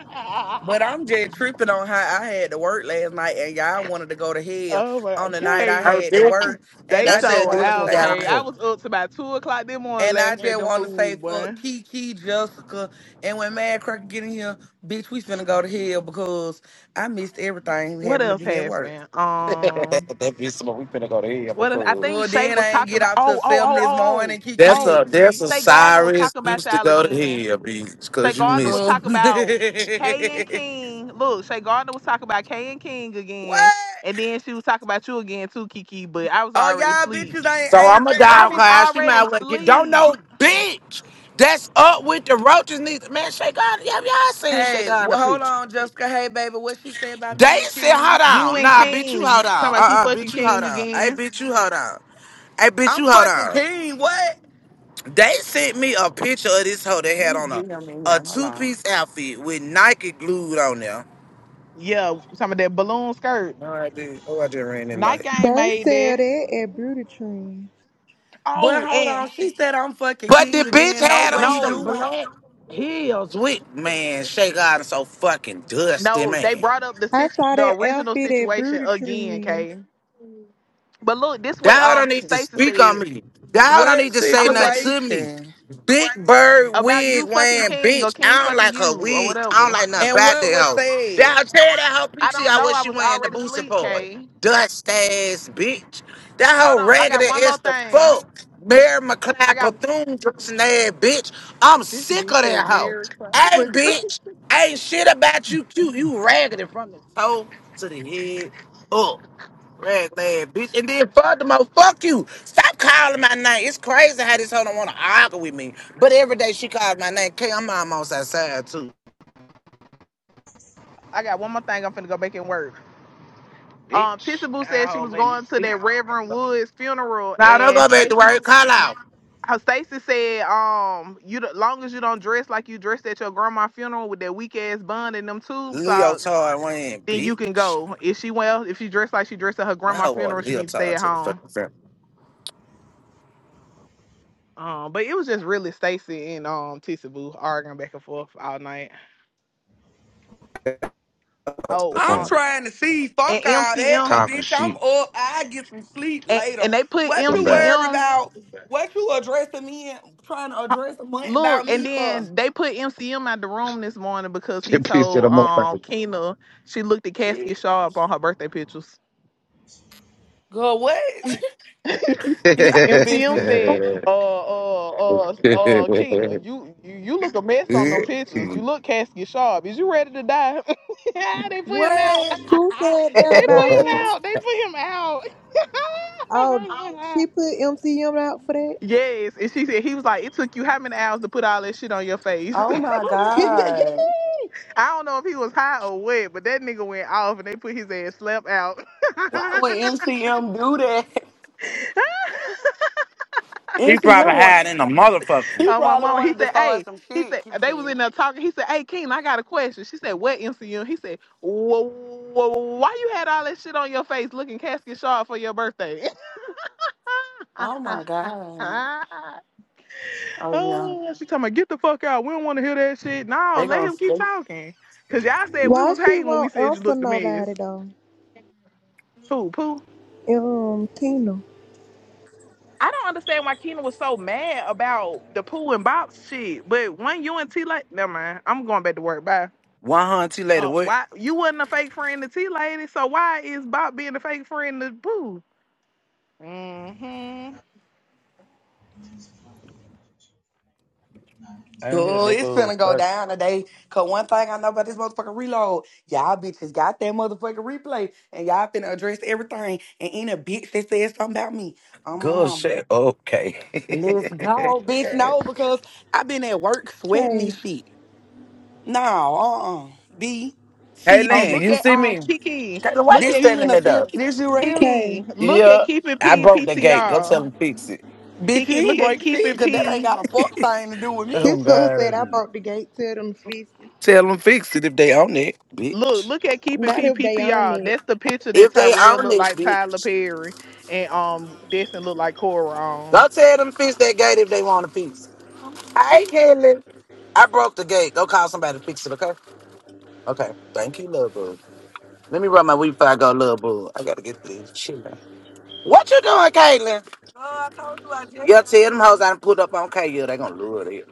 [SPEAKER 3] Lord.
[SPEAKER 6] But
[SPEAKER 3] *laughs*
[SPEAKER 6] I'm just tripping on how I had to work last night and y'all wanted to go to hell
[SPEAKER 3] Oh my
[SPEAKER 6] on the night I
[SPEAKER 3] Kay,
[SPEAKER 7] I was
[SPEAKER 6] had to work.
[SPEAKER 7] different.
[SPEAKER 6] And
[SPEAKER 3] they
[SPEAKER 7] That
[SPEAKER 6] I just
[SPEAKER 7] said,
[SPEAKER 3] show
[SPEAKER 7] this
[SPEAKER 6] wanna
[SPEAKER 7] one
[SPEAKER 3] out,
[SPEAKER 6] say
[SPEAKER 7] got
[SPEAKER 3] Kay.
[SPEAKER 7] on
[SPEAKER 3] I was
[SPEAKER 7] here.
[SPEAKER 3] up to about two o'clock this morning
[SPEAKER 6] and I
[SPEAKER 3] laughing at
[SPEAKER 6] just
[SPEAKER 3] them
[SPEAKER 6] wanna say
[SPEAKER 3] fools, boy.
[SPEAKER 6] fuck Kiki, Jessica, and when Mad Cracker get in here, bitch, we finna go to hell because I missed everything
[SPEAKER 3] What
[SPEAKER 6] having to
[SPEAKER 3] else
[SPEAKER 6] be at work.
[SPEAKER 3] happened? Um
[SPEAKER 7] *laughs* that be some. We finna go to hell
[SPEAKER 3] what else? I
[SPEAKER 7] because.
[SPEAKER 3] think
[SPEAKER 6] Good
[SPEAKER 3] Shay
[SPEAKER 6] then
[SPEAKER 3] was
[SPEAKER 6] I ain't
[SPEAKER 3] talking
[SPEAKER 6] get
[SPEAKER 3] about
[SPEAKER 6] out
[SPEAKER 3] oh,
[SPEAKER 6] till
[SPEAKER 3] oh,
[SPEAKER 6] seven
[SPEAKER 3] oh,
[SPEAKER 6] this
[SPEAKER 3] oh, oh,
[SPEAKER 6] morning,
[SPEAKER 7] That's
[SPEAKER 6] Kiki.
[SPEAKER 7] a
[SPEAKER 3] oh.
[SPEAKER 7] that's
[SPEAKER 6] bitch.
[SPEAKER 7] a
[SPEAKER 3] Shay Gardner was
[SPEAKER 7] Cyrus
[SPEAKER 3] talking about
[SPEAKER 7] used to
[SPEAKER 3] y'all
[SPEAKER 7] go to
[SPEAKER 3] again.
[SPEAKER 7] hell, bitch,
[SPEAKER 3] Shay
[SPEAKER 7] cause you
[SPEAKER 3] Gardner was
[SPEAKER 7] missed
[SPEAKER 3] talking about Kay and
[SPEAKER 6] Good.
[SPEAKER 3] King. Look, Shay Gardner was talking about Kay and King
[SPEAKER 6] *laughs* what?
[SPEAKER 3] again. And then she was talking about you again too, Kiki, but I was
[SPEAKER 6] Oh
[SPEAKER 3] already
[SPEAKER 6] y'all
[SPEAKER 3] asleep.
[SPEAKER 6] bitches I
[SPEAKER 7] it.
[SPEAKER 6] ain't,
[SPEAKER 7] So
[SPEAKER 6] I ain't
[SPEAKER 7] I'm a
[SPEAKER 6] what
[SPEAKER 3] I
[SPEAKER 7] dog
[SPEAKER 6] she
[SPEAKER 3] was
[SPEAKER 7] class. She
[SPEAKER 3] already
[SPEAKER 7] might as well get don't
[SPEAKER 3] asleep.
[SPEAKER 7] know, bitch. That's up with the roaches. Needs man, shake on. Yeah, y'all seen shake
[SPEAKER 6] Hey,
[SPEAKER 7] on
[SPEAKER 6] wh-
[SPEAKER 7] the
[SPEAKER 6] hold
[SPEAKER 7] picture.
[SPEAKER 6] on, Jessica. Hey, baby, what she said about
[SPEAKER 7] They
[SPEAKER 6] me and
[SPEAKER 7] said, hold
[SPEAKER 6] King?
[SPEAKER 3] You
[SPEAKER 7] on,
[SPEAKER 3] and
[SPEAKER 7] nah, bitch, you
[SPEAKER 3] King.
[SPEAKER 7] hold
[SPEAKER 3] Talking
[SPEAKER 7] on. Uh,
[SPEAKER 3] about you
[SPEAKER 7] uh
[SPEAKER 3] fucking
[SPEAKER 7] bitch, you hold
[SPEAKER 3] King
[SPEAKER 7] on. Hey,
[SPEAKER 3] again.
[SPEAKER 7] bitch, you hold on. Hey, bitch,
[SPEAKER 6] I'm
[SPEAKER 7] you hold
[SPEAKER 6] fucking
[SPEAKER 7] on.
[SPEAKER 6] King. What?
[SPEAKER 7] They sent me a picture of this hoe that
[SPEAKER 6] Let
[SPEAKER 7] had
[SPEAKER 6] me
[SPEAKER 7] on a
[SPEAKER 6] get him in
[SPEAKER 7] a
[SPEAKER 6] here. Hold
[SPEAKER 7] two
[SPEAKER 6] on.
[SPEAKER 7] piece outfit with Nike glued on there.
[SPEAKER 3] Yeah, some of that balloon skirt.
[SPEAKER 7] No, I did. Oh, I just ran it light.
[SPEAKER 3] Nike ain't
[SPEAKER 10] They
[SPEAKER 3] made
[SPEAKER 10] sell
[SPEAKER 3] that.
[SPEAKER 10] that at Beauty Trend.
[SPEAKER 6] But
[SPEAKER 3] Oh,
[SPEAKER 6] hold
[SPEAKER 3] and
[SPEAKER 6] on, she said I'm fucking
[SPEAKER 7] But the
[SPEAKER 6] King
[SPEAKER 7] bitch
[SPEAKER 6] again. No,
[SPEAKER 7] had
[SPEAKER 6] but
[SPEAKER 7] on
[SPEAKER 6] he
[SPEAKER 7] some
[SPEAKER 6] do
[SPEAKER 3] no,
[SPEAKER 6] want
[SPEAKER 7] black heels with man, Shake God so fucking dusty,
[SPEAKER 3] no, they
[SPEAKER 7] man.
[SPEAKER 3] brought up the
[SPEAKER 10] I
[SPEAKER 3] situ-
[SPEAKER 10] saw
[SPEAKER 3] the
[SPEAKER 10] that
[SPEAKER 3] original
[SPEAKER 10] outfit at
[SPEAKER 3] situation
[SPEAKER 10] Beauty
[SPEAKER 3] again,
[SPEAKER 10] Trend.
[SPEAKER 3] Kay. But look, this what
[SPEAKER 7] Dog don't
[SPEAKER 3] um
[SPEAKER 7] need to
[SPEAKER 3] Stacey
[SPEAKER 7] speak on
[SPEAKER 3] said.
[SPEAKER 7] me. Dog don't
[SPEAKER 6] what
[SPEAKER 7] need to say
[SPEAKER 3] I'ma say
[SPEAKER 7] nothing
[SPEAKER 3] this
[SPEAKER 7] to me.
[SPEAKER 6] situation
[SPEAKER 7] Big Bird
[SPEAKER 3] about you
[SPEAKER 7] wig
[SPEAKER 3] fucking
[SPEAKER 7] wearing
[SPEAKER 3] king or
[SPEAKER 7] bitch.
[SPEAKER 3] king
[SPEAKER 7] I don't
[SPEAKER 3] fucking
[SPEAKER 7] like her
[SPEAKER 3] you or
[SPEAKER 7] wig. I don't
[SPEAKER 3] whatever.
[SPEAKER 7] like nothing
[SPEAKER 6] and
[SPEAKER 7] about
[SPEAKER 6] what
[SPEAKER 7] that
[SPEAKER 6] was
[SPEAKER 7] hoe. That
[SPEAKER 6] said.
[SPEAKER 7] tell that hoe
[SPEAKER 3] I don't
[SPEAKER 7] PTI
[SPEAKER 3] know.
[SPEAKER 7] what
[SPEAKER 3] I
[SPEAKER 7] she
[SPEAKER 3] was
[SPEAKER 7] wearing the
[SPEAKER 3] already
[SPEAKER 7] booster
[SPEAKER 3] asleep,
[SPEAKER 7] boy.
[SPEAKER 3] Kay.
[SPEAKER 7] Dust ass bitch. That
[SPEAKER 3] Hold
[SPEAKER 7] hoe
[SPEAKER 3] on, I got
[SPEAKER 7] raggedy
[SPEAKER 3] one more
[SPEAKER 7] is the
[SPEAKER 3] thing.
[SPEAKER 7] fuck. Mary
[SPEAKER 3] I
[SPEAKER 7] McLeod
[SPEAKER 3] got
[SPEAKER 7] Bethune dressing ass bitch. I'm
[SPEAKER 3] this
[SPEAKER 7] sick
[SPEAKER 3] bitch
[SPEAKER 7] of that
[SPEAKER 3] said
[SPEAKER 7] hoe.
[SPEAKER 3] Mary
[SPEAKER 7] Hey
[SPEAKER 3] Chrysler. *laughs*
[SPEAKER 7] bitch. Ain't shit about you cute. You raggedy from the toe to the head up. Red leg, bitch. And then furthermore, fuck you. Stop calling my name. It's crazy how this hoe don't want to argue with me. But every day she calls my name. K, I'm almost outside too.
[SPEAKER 3] I got one more thing. I'm finna go back and work. Um,
[SPEAKER 7] Bitch,
[SPEAKER 3] Tissa Boo
[SPEAKER 7] that
[SPEAKER 3] said she
[SPEAKER 7] hoe
[SPEAKER 3] was
[SPEAKER 7] made me
[SPEAKER 3] going to
[SPEAKER 7] sick.
[SPEAKER 3] that Reverend Woods funeral,
[SPEAKER 7] Nah, don't
[SPEAKER 3] and
[SPEAKER 7] go back to
[SPEAKER 3] Stacy.
[SPEAKER 7] work. Call out.
[SPEAKER 3] How Stacy said, um, you don't- long as you don't dress like you dressed at your grandma funeral with that weak ass bun and them tube socks,
[SPEAKER 7] Leotard ran,
[SPEAKER 3] then you can
[SPEAKER 7] bitch.
[SPEAKER 3] go. If she well, if she dressed like she dressed at her
[SPEAKER 7] That
[SPEAKER 3] grandma
[SPEAKER 7] hoe
[SPEAKER 3] funeral,
[SPEAKER 7] want
[SPEAKER 3] she need to stay
[SPEAKER 7] Leotard
[SPEAKER 3] at
[SPEAKER 7] to the
[SPEAKER 3] home.
[SPEAKER 7] fucking film.
[SPEAKER 3] Um, but it was just really Stacy and um Tissa Boo arguing back and forth all night.
[SPEAKER 7] To the
[SPEAKER 3] Oh,
[SPEAKER 6] I'm
[SPEAKER 3] um,
[SPEAKER 7] film.
[SPEAKER 6] trying to see. Fuck
[SPEAKER 3] and
[SPEAKER 6] all that,
[SPEAKER 3] MCM
[SPEAKER 6] cause
[SPEAKER 7] Talking
[SPEAKER 6] bitch, I'm
[SPEAKER 7] shit.
[SPEAKER 6] up. I get some sleep
[SPEAKER 3] and,
[SPEAKER 6] later.
[SPEAKER 3] and they put
[SPEAKER 7] *laughs*
[SPEAKER 6] What
[SPEAKER 7] I'm
[SPEAKER 6] you
[SPEAKER 7] bad.
[SPEAKER 6] worried
[SPEAKER 3] MCM
[SPEAKER 6] about? What you addressing me? and Trying to address a month
[SPEAKER 3] look,
[SPEAKER 6] about
[SPEAKER 3] and
[SPEAKER 6] me for?
[SPEAKER 3] then they put MCM out the room this morning because
[SPEAKER 7] She
[SPEAKER 3] he
[SPEAKER 7] pissed it
[SPEAKER 3] told
[SPEAKER 7] him off.
[SPEAKER 3] um Kena she looked at casket
[SPEAKER 6] Bitch,
[SPEAKER 3] sharp on her birthday pictures.
[SPEAKER 6] Girl, what?
[SPEAKER 3] *laughs*
[SPEAKER 6] *laughs* Y'all
[SPEAKER 3] MCM
[SPEAKER 6] bitches.
[SPEAKER 3] said, uh, uh,
[SPEAKER 7] *laughs*
[SPEAKER 3] uh,
[SPEAKER 7] he
[SPEAKER 3] uh, Keena, you, you, you look a mess on them pictures. You look casket sharp. Is you ready to die? *laughs* Yeah, they put him out. *laughs*
[SPEAKER 6] What?
[SPEAKER 3] they
[SPEAKER 10] Who said that
[SPEAKER 3] put
[SPEAKER 10] about
[SPEAKER 3] him
[SPEAKER 10] who?
[SPEAKER 3] out. They put him out.
[SPEAKER 10] Oh,
[SPEAKER 3] *laughs*
[SPEAKER 10] she put MCM out for that.
[SPEAKER 3] yes. And she said, he was like, it took you how many hours to put all that shit on your face?
[SPEAKER 6] Oh
[SPEAKER 3] *laughs*
[SPEAKER 6] my God.
[SPEAKER 10] *laughs*
[SPEAKER 3] I don't know if he was high or what, but that nigga went off and they put his ass slap out.
[SPEAKER 6] Why would MCM do that?
[SPEAKER 3] *laughs*
[SPEAKER 6] *laughs*
[SPEAKER 7] probably
[SPEAKER 6] MCM want
[SPEAKER 7] hiding in the motherfucking
[SPEAKER 6] he
[SPEAKER 3] Oh, my
[SPEAKER 6] probably
[SPEAKER 3] mama. He
[SPEAKER 6] wanted to
[SPEAKER 3] said,
[SPEAKER 6] throw us
[SPEAKER 3] hey,
[SPEAKER 6] some
[SPEAKER 3] he
[SPEAKER 6] shit,
[SPEAKER 3] said, they was
[SPEAKER 6] Kiki.
[SPEAKER 3] in there talking. He said, hey, King, I got a question. She said, what MCU? He said, "Wh- wh- why you had all that shit on your face looking casket sharp for your birthday? *laughs*
[SPEAKER 6] Oh my God. Oh yeah.
[SPEAKER 3] oh, she talking about, get the fuck out. We don't want to hear that shit. No,
[SPEAKER 6] They
[SPEAKER 3] let
[SPEAKER 6] gonna
[SPEAKER 3] him keep
[SPEAKER 6] stay.
[SPEAKER 3] talking. Because y'all said we
[SPEAKER 10] Why
[SPEAKER 3] was
[SPEAKER 10] she
[SPEAKER 3] hating when we
[SPEAKER 10] won't
[SPEAKER 3] said you
[SPEAKER 10] answer
[SPEAKER 3] looked the mess.
[SPEAKER 10] nobody though?
[SPEAKER 3] Pooh, pooh.
[SPEAKER 10] Um, Tina.
[SPEAKER 3] I don't understand why Keena was so mad about the poo and bops shit. But when you and T like, never mind. I'm going back to work. Bye.
[SPEAKER 7] 100 later.
[SPEAKER 3] Uh,
[SPEAKER 7] What?
[SPEAKER 3] why you wasn't a fake friend to T Lady, so why is Bob being a fake friend to Boo? hmm
[SPEAKER 7] I didn't hear
[SPEAKER 6] Dude,
[SPEAKER 7] that
[SPEAKER 6] it's
[SPEAKER 7] go
[SPEAKER 6] finna go
[SPEAKER 7] first.
[SPEAKER 6] down today. Cause one thing I know about this motherfucking reload, y'all bitches got that motherfucking replay and y'all finna address everything and any bitch that says something about me. Oh my
[SPEAKER 7] Good
[SPEAKER 6] mom.
[SPEAKER 7] shit. Okay.
[SPEAKER 6] Let's
[SPEAKER 7] *laughs*
[SPEAKER 6] go, bitch. No, because i been at work sweating
[SPEAKER 10] K.
[SPEAKER 6] this shit. No, uh uh B
[SPEAKER 7] hey,
[SPEAKER 6] C
[SPEAKER 3] Oh,
[SPEAKER 7] Lynn,
[SPEAKER 6] D.
[SPEAKER 3] look
[SPEAKER 7] you
[SPEAKER 3] at
[SPEAKER 7] see
[SPEAKER 3] um
[SPEAKER 7] me?
[SPEAKER 3] Kiki.
[SPEAKER 7] Taylor, why
[SPEAKER 3] Look
[SPEAKER 7] you
[SPEAKER 6] This
[SPEAKER 3] at
[SPEAKER 6] you
[SPEAKER 7] standing
[SPEAKER 6] in a
[SPEAKER 7] there
[SPEAKER 6] cell?
[SPEAKER 7] though?
[SPEAKER 6] This you right here?
[SPEAKER 10] K.
[SPEAKER 3] Kiki. Look at
[SPEAKER 7] Yeah,
[SPEAKER 3] keeping
[SPEAKER 7] I
[SPEAKER 3] P
[SPEAKER 7] broke the gate. Go tell
[SPEAKER 3] PTR.
[SPEAKER 7] them fix it.
[SPEAKER 6] Bitch, you
[SPEAKER 3] Kiki, look
[SPEAKER 6] ain't
[SPEAKER 3] at
[SPEAKER 6] break shit
[SPEAKER 3] keeping
[SPEAKER 6] because that ain't
[SPEAKER 3] P.
[SPEAKER 6] got a fuck thing to do with me.
[SPEAKER 7] Oh
[SPEAKER 10] This girl
[SPEAKER 7] God, I
[SPEAKER 10] said I
[SPEAKER 7] do.
[SPEAKER 10] bought the gate to them fifty.
[SPEAKER 7] Tell them fix it if they own it,
[SPEAKER 3] Look,
[SPEAKER 7] bitch.
[SPEAKER 3] look at keeping
[SPEAKER 10] Not
[SPEAKER 3] P
[SPEAKER 10] if they own
[SPEAKER 3] PTR.
[SPEAKER 10] it.
[SPEAKER 3] That's the picture that
[SPEAKER 7] If they
[SPEAKER 3] Tyrell
[SPEAKER 7] own
[SPEAKER 3] looked
[SPEAKER 7] it,
[SPEAKER 3] like Tyler
[SPEAKER 7] bitch.
[SPEAKER 3] Perry, and um Destin looked like Cora on.
[SPEAKER 7] Go tell them fix that gate if they want to fix it. Hey, Kelly. I broke the gate. Go call somebody to fix it, okay? Okay. Thank you, little boo. Let me rub my weed before I go, little boo. I gotta get to this shit. What you doing, Caitlin? Yeah, tell them hoes I done put up on K. Yeah, they gonna lure it.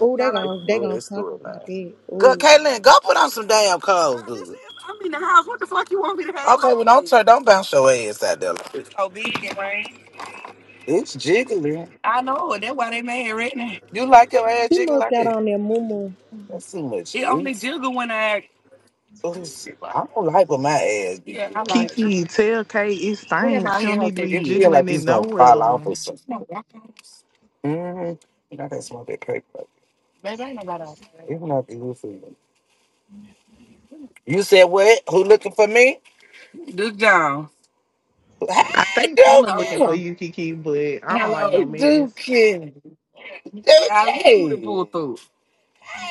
[SPEAKER 10] Oh, they
[SPEAKER 7] Y'all like, It's
[SPEAKER 10] gon' they
[SPEAKER 7] through,
[SPEAKER 10] gon'
[SPEAKER 7] it's
[SPEAKER 10] talk
[SPEAKER 7] through it
[SPEAKER 10] about
[SPEAKER 7] now.
[SPEAKER 10] that.
[SPEAKER 7] Good,
[SPEAKER 10] Oh,
[SPEAKER 7] Caitlin, go put on some damn clothes, girl, this dude. is, I'm in the house. What the fuck you want me to have Okay, well, don't turn, don't bounce your ass out there. like this. Obedient, right? It's jiggling. I know. That's why they mad right now. You like your ass
[SPEAKER 10] she
[SPEAKER 7] jiggling
[SPEAKER 10] must
[SPEAKER 7] like
[SPEAKER 10] got
[SPEAKER 7] that?
[SPEAKER 10] on there, mumu.
[SPEAKER 7] That's too much. It only It's, jiggle when I. it's, I don't like when my ass be Yeah, I jiggling like like it. that.
[SPEAKER 3] Kiki, tell Kate it
[SPEAKER 7] What
[SPEAKER 3] stinks.
[SPEAKER 7] about
[SPEAKER 3] She don't
[SPEAKER 7] here? Hope
[SPEAKER 3] need to
[SPEAKER 7] they It
[SPEAKER 3] be
[SPEAKER 7] did. feel
[SPEAKER 3] jiggling
[SPEAKER 7] like
[SPEAKER 3] it
[SPEAKER 7] it's gonna fall off
[SPEAKER 3] nowhere.
[SPEAKER 7] or something. No, I can't. Mm-hmm. You know, that's one that paper. Baby, I ain't nobody out there. It's not good for you. You said what? Who looking for me? Duke Jones.
[SPEAKER 3] I
[SPEAKER 7] Hey, Dookie.
[SPEAKER 3] think Keenan looking for
[SPEAKER 7] Hello.
[SPEAKER 3] you, Kiki, but I don't like
[SPEAKER 7] Hello. Hey,
[SPEAKER 3] no mess.
[SPEAKER 7] Dookie. Dookie. I wish you would have through.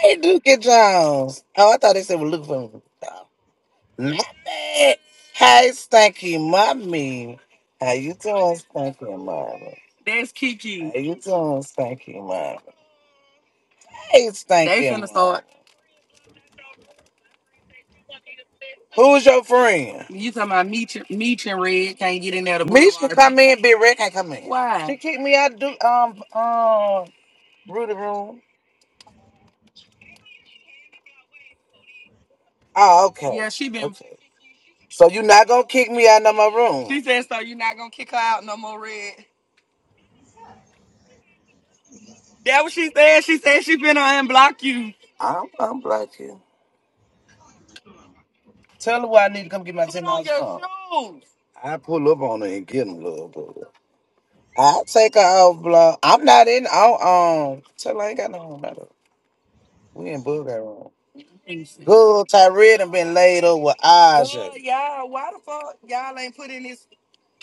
[SPEAKER 7] Hey, Dookie Jones. Oh, I thought they said we're looking for me. No. Mommy. Hey, Stanky Mommy. How you doing, Stanky Mommy? That's Kiki. How you doing, Stanky Mommy? Hey, They Stanky finna Mommy. start. Who's your friend? You talking about Meech, Meech and Red can't get in there to Meech can come in, Big Red can't come in. Why? She kicked me out do um um Rudy room. Oh, okay. Yeah, she been. Okay. So you not gonna kick me out of my room. She said, so you not gonna kick her out no more, Red. That what she said. She said she finna unblock you. I'm I'm black here. Tell her why I need to come get my Put ten on dollars your from. shoes. I pull up on her and get him, little bro. I take her off block. I'm not in. I don't, um, tell her I ain't got no home. We in Booger room. Good Tyree done been laid up with Aja. Girl, y'all, why the fuck y'all ain't put in this?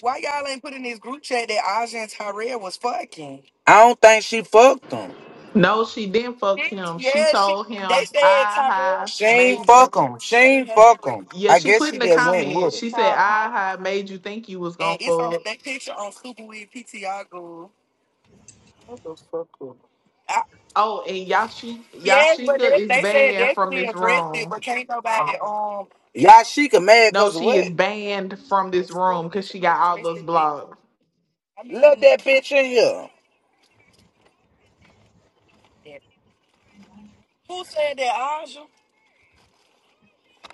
[SPEAKER 7] Why y'all ain't put in this group chat that Aja and Tyrell was fucking? I don't think she fucked him.
[SPEAKER 3] No, she didn't fuck
[SPEAKER 7] Bitch,
[SPEAKER 3] him. She
[SPEAKER 7] yeah, she.
[SPEAKER 3] told
[SPEAKER 7] They
[SPEAKER 3] him
[SPEAKER 7] said
[SPEAKER 3] I
[SPEAKER 7] Tyrell
[SPEAKER 3] ha
[SPEAKER 7] She fucked ain't
[SPEAKER 3] made you.
[SPEAKER 7] fuck him. and She ain't fuck him.
[SPEAKER 3] Yeah,
[SPEAKER 7] I
[SPEAKER 3] she
[SPEAKER 7] guess
[SPEAKER 3] put in
[SPEAKER 7] she
[SPEAKER 3] the
[SPEAKER 7] just went
[SPEAKER 3] comment.
[SPEAKER 7] with it.
[SPEAKER 3] She said I ha made you think you was
[SPEAKER 7] and
[SPEAKER 3] gonna
[SPEAKER 7] it's on
[SPEAKER 3] fuck.
[SPEAKER 7] that picture on Super Weird PTR Go. What the fuck? Up?
[SPEAKER 3] Oh, and Yashi
[SPEAKER 7] Yes, but they,
[SPEAKER 3] Yashika is
[SPEAKER 7] they said
[SPEAKER 3] banned from
[SPEAKER 7] Destiny
[SPEAKER 3] this
[SPEAKER 7] addressed it,
[SPEAKER 3] room.
[SPEAKER 7] but can't nobody um Yashika mad
[SPEAKER 3] No,
[SPEAKER 7] cause of
[SPEAKER 3] she
[SPEAKER 7] what?
[SPEAKER 3] is banned from this room because she
[SPEAKER 7] Destiny
[SPEAKER 3] got all
[SPEAKER 7] addressed
[SPEAKER 3] those
[SPEAKER 7] it. but-
[SPEAKER 3] blocked.
[SPEAKER 7] I mean, Let that bitch in here. who said that, Aja?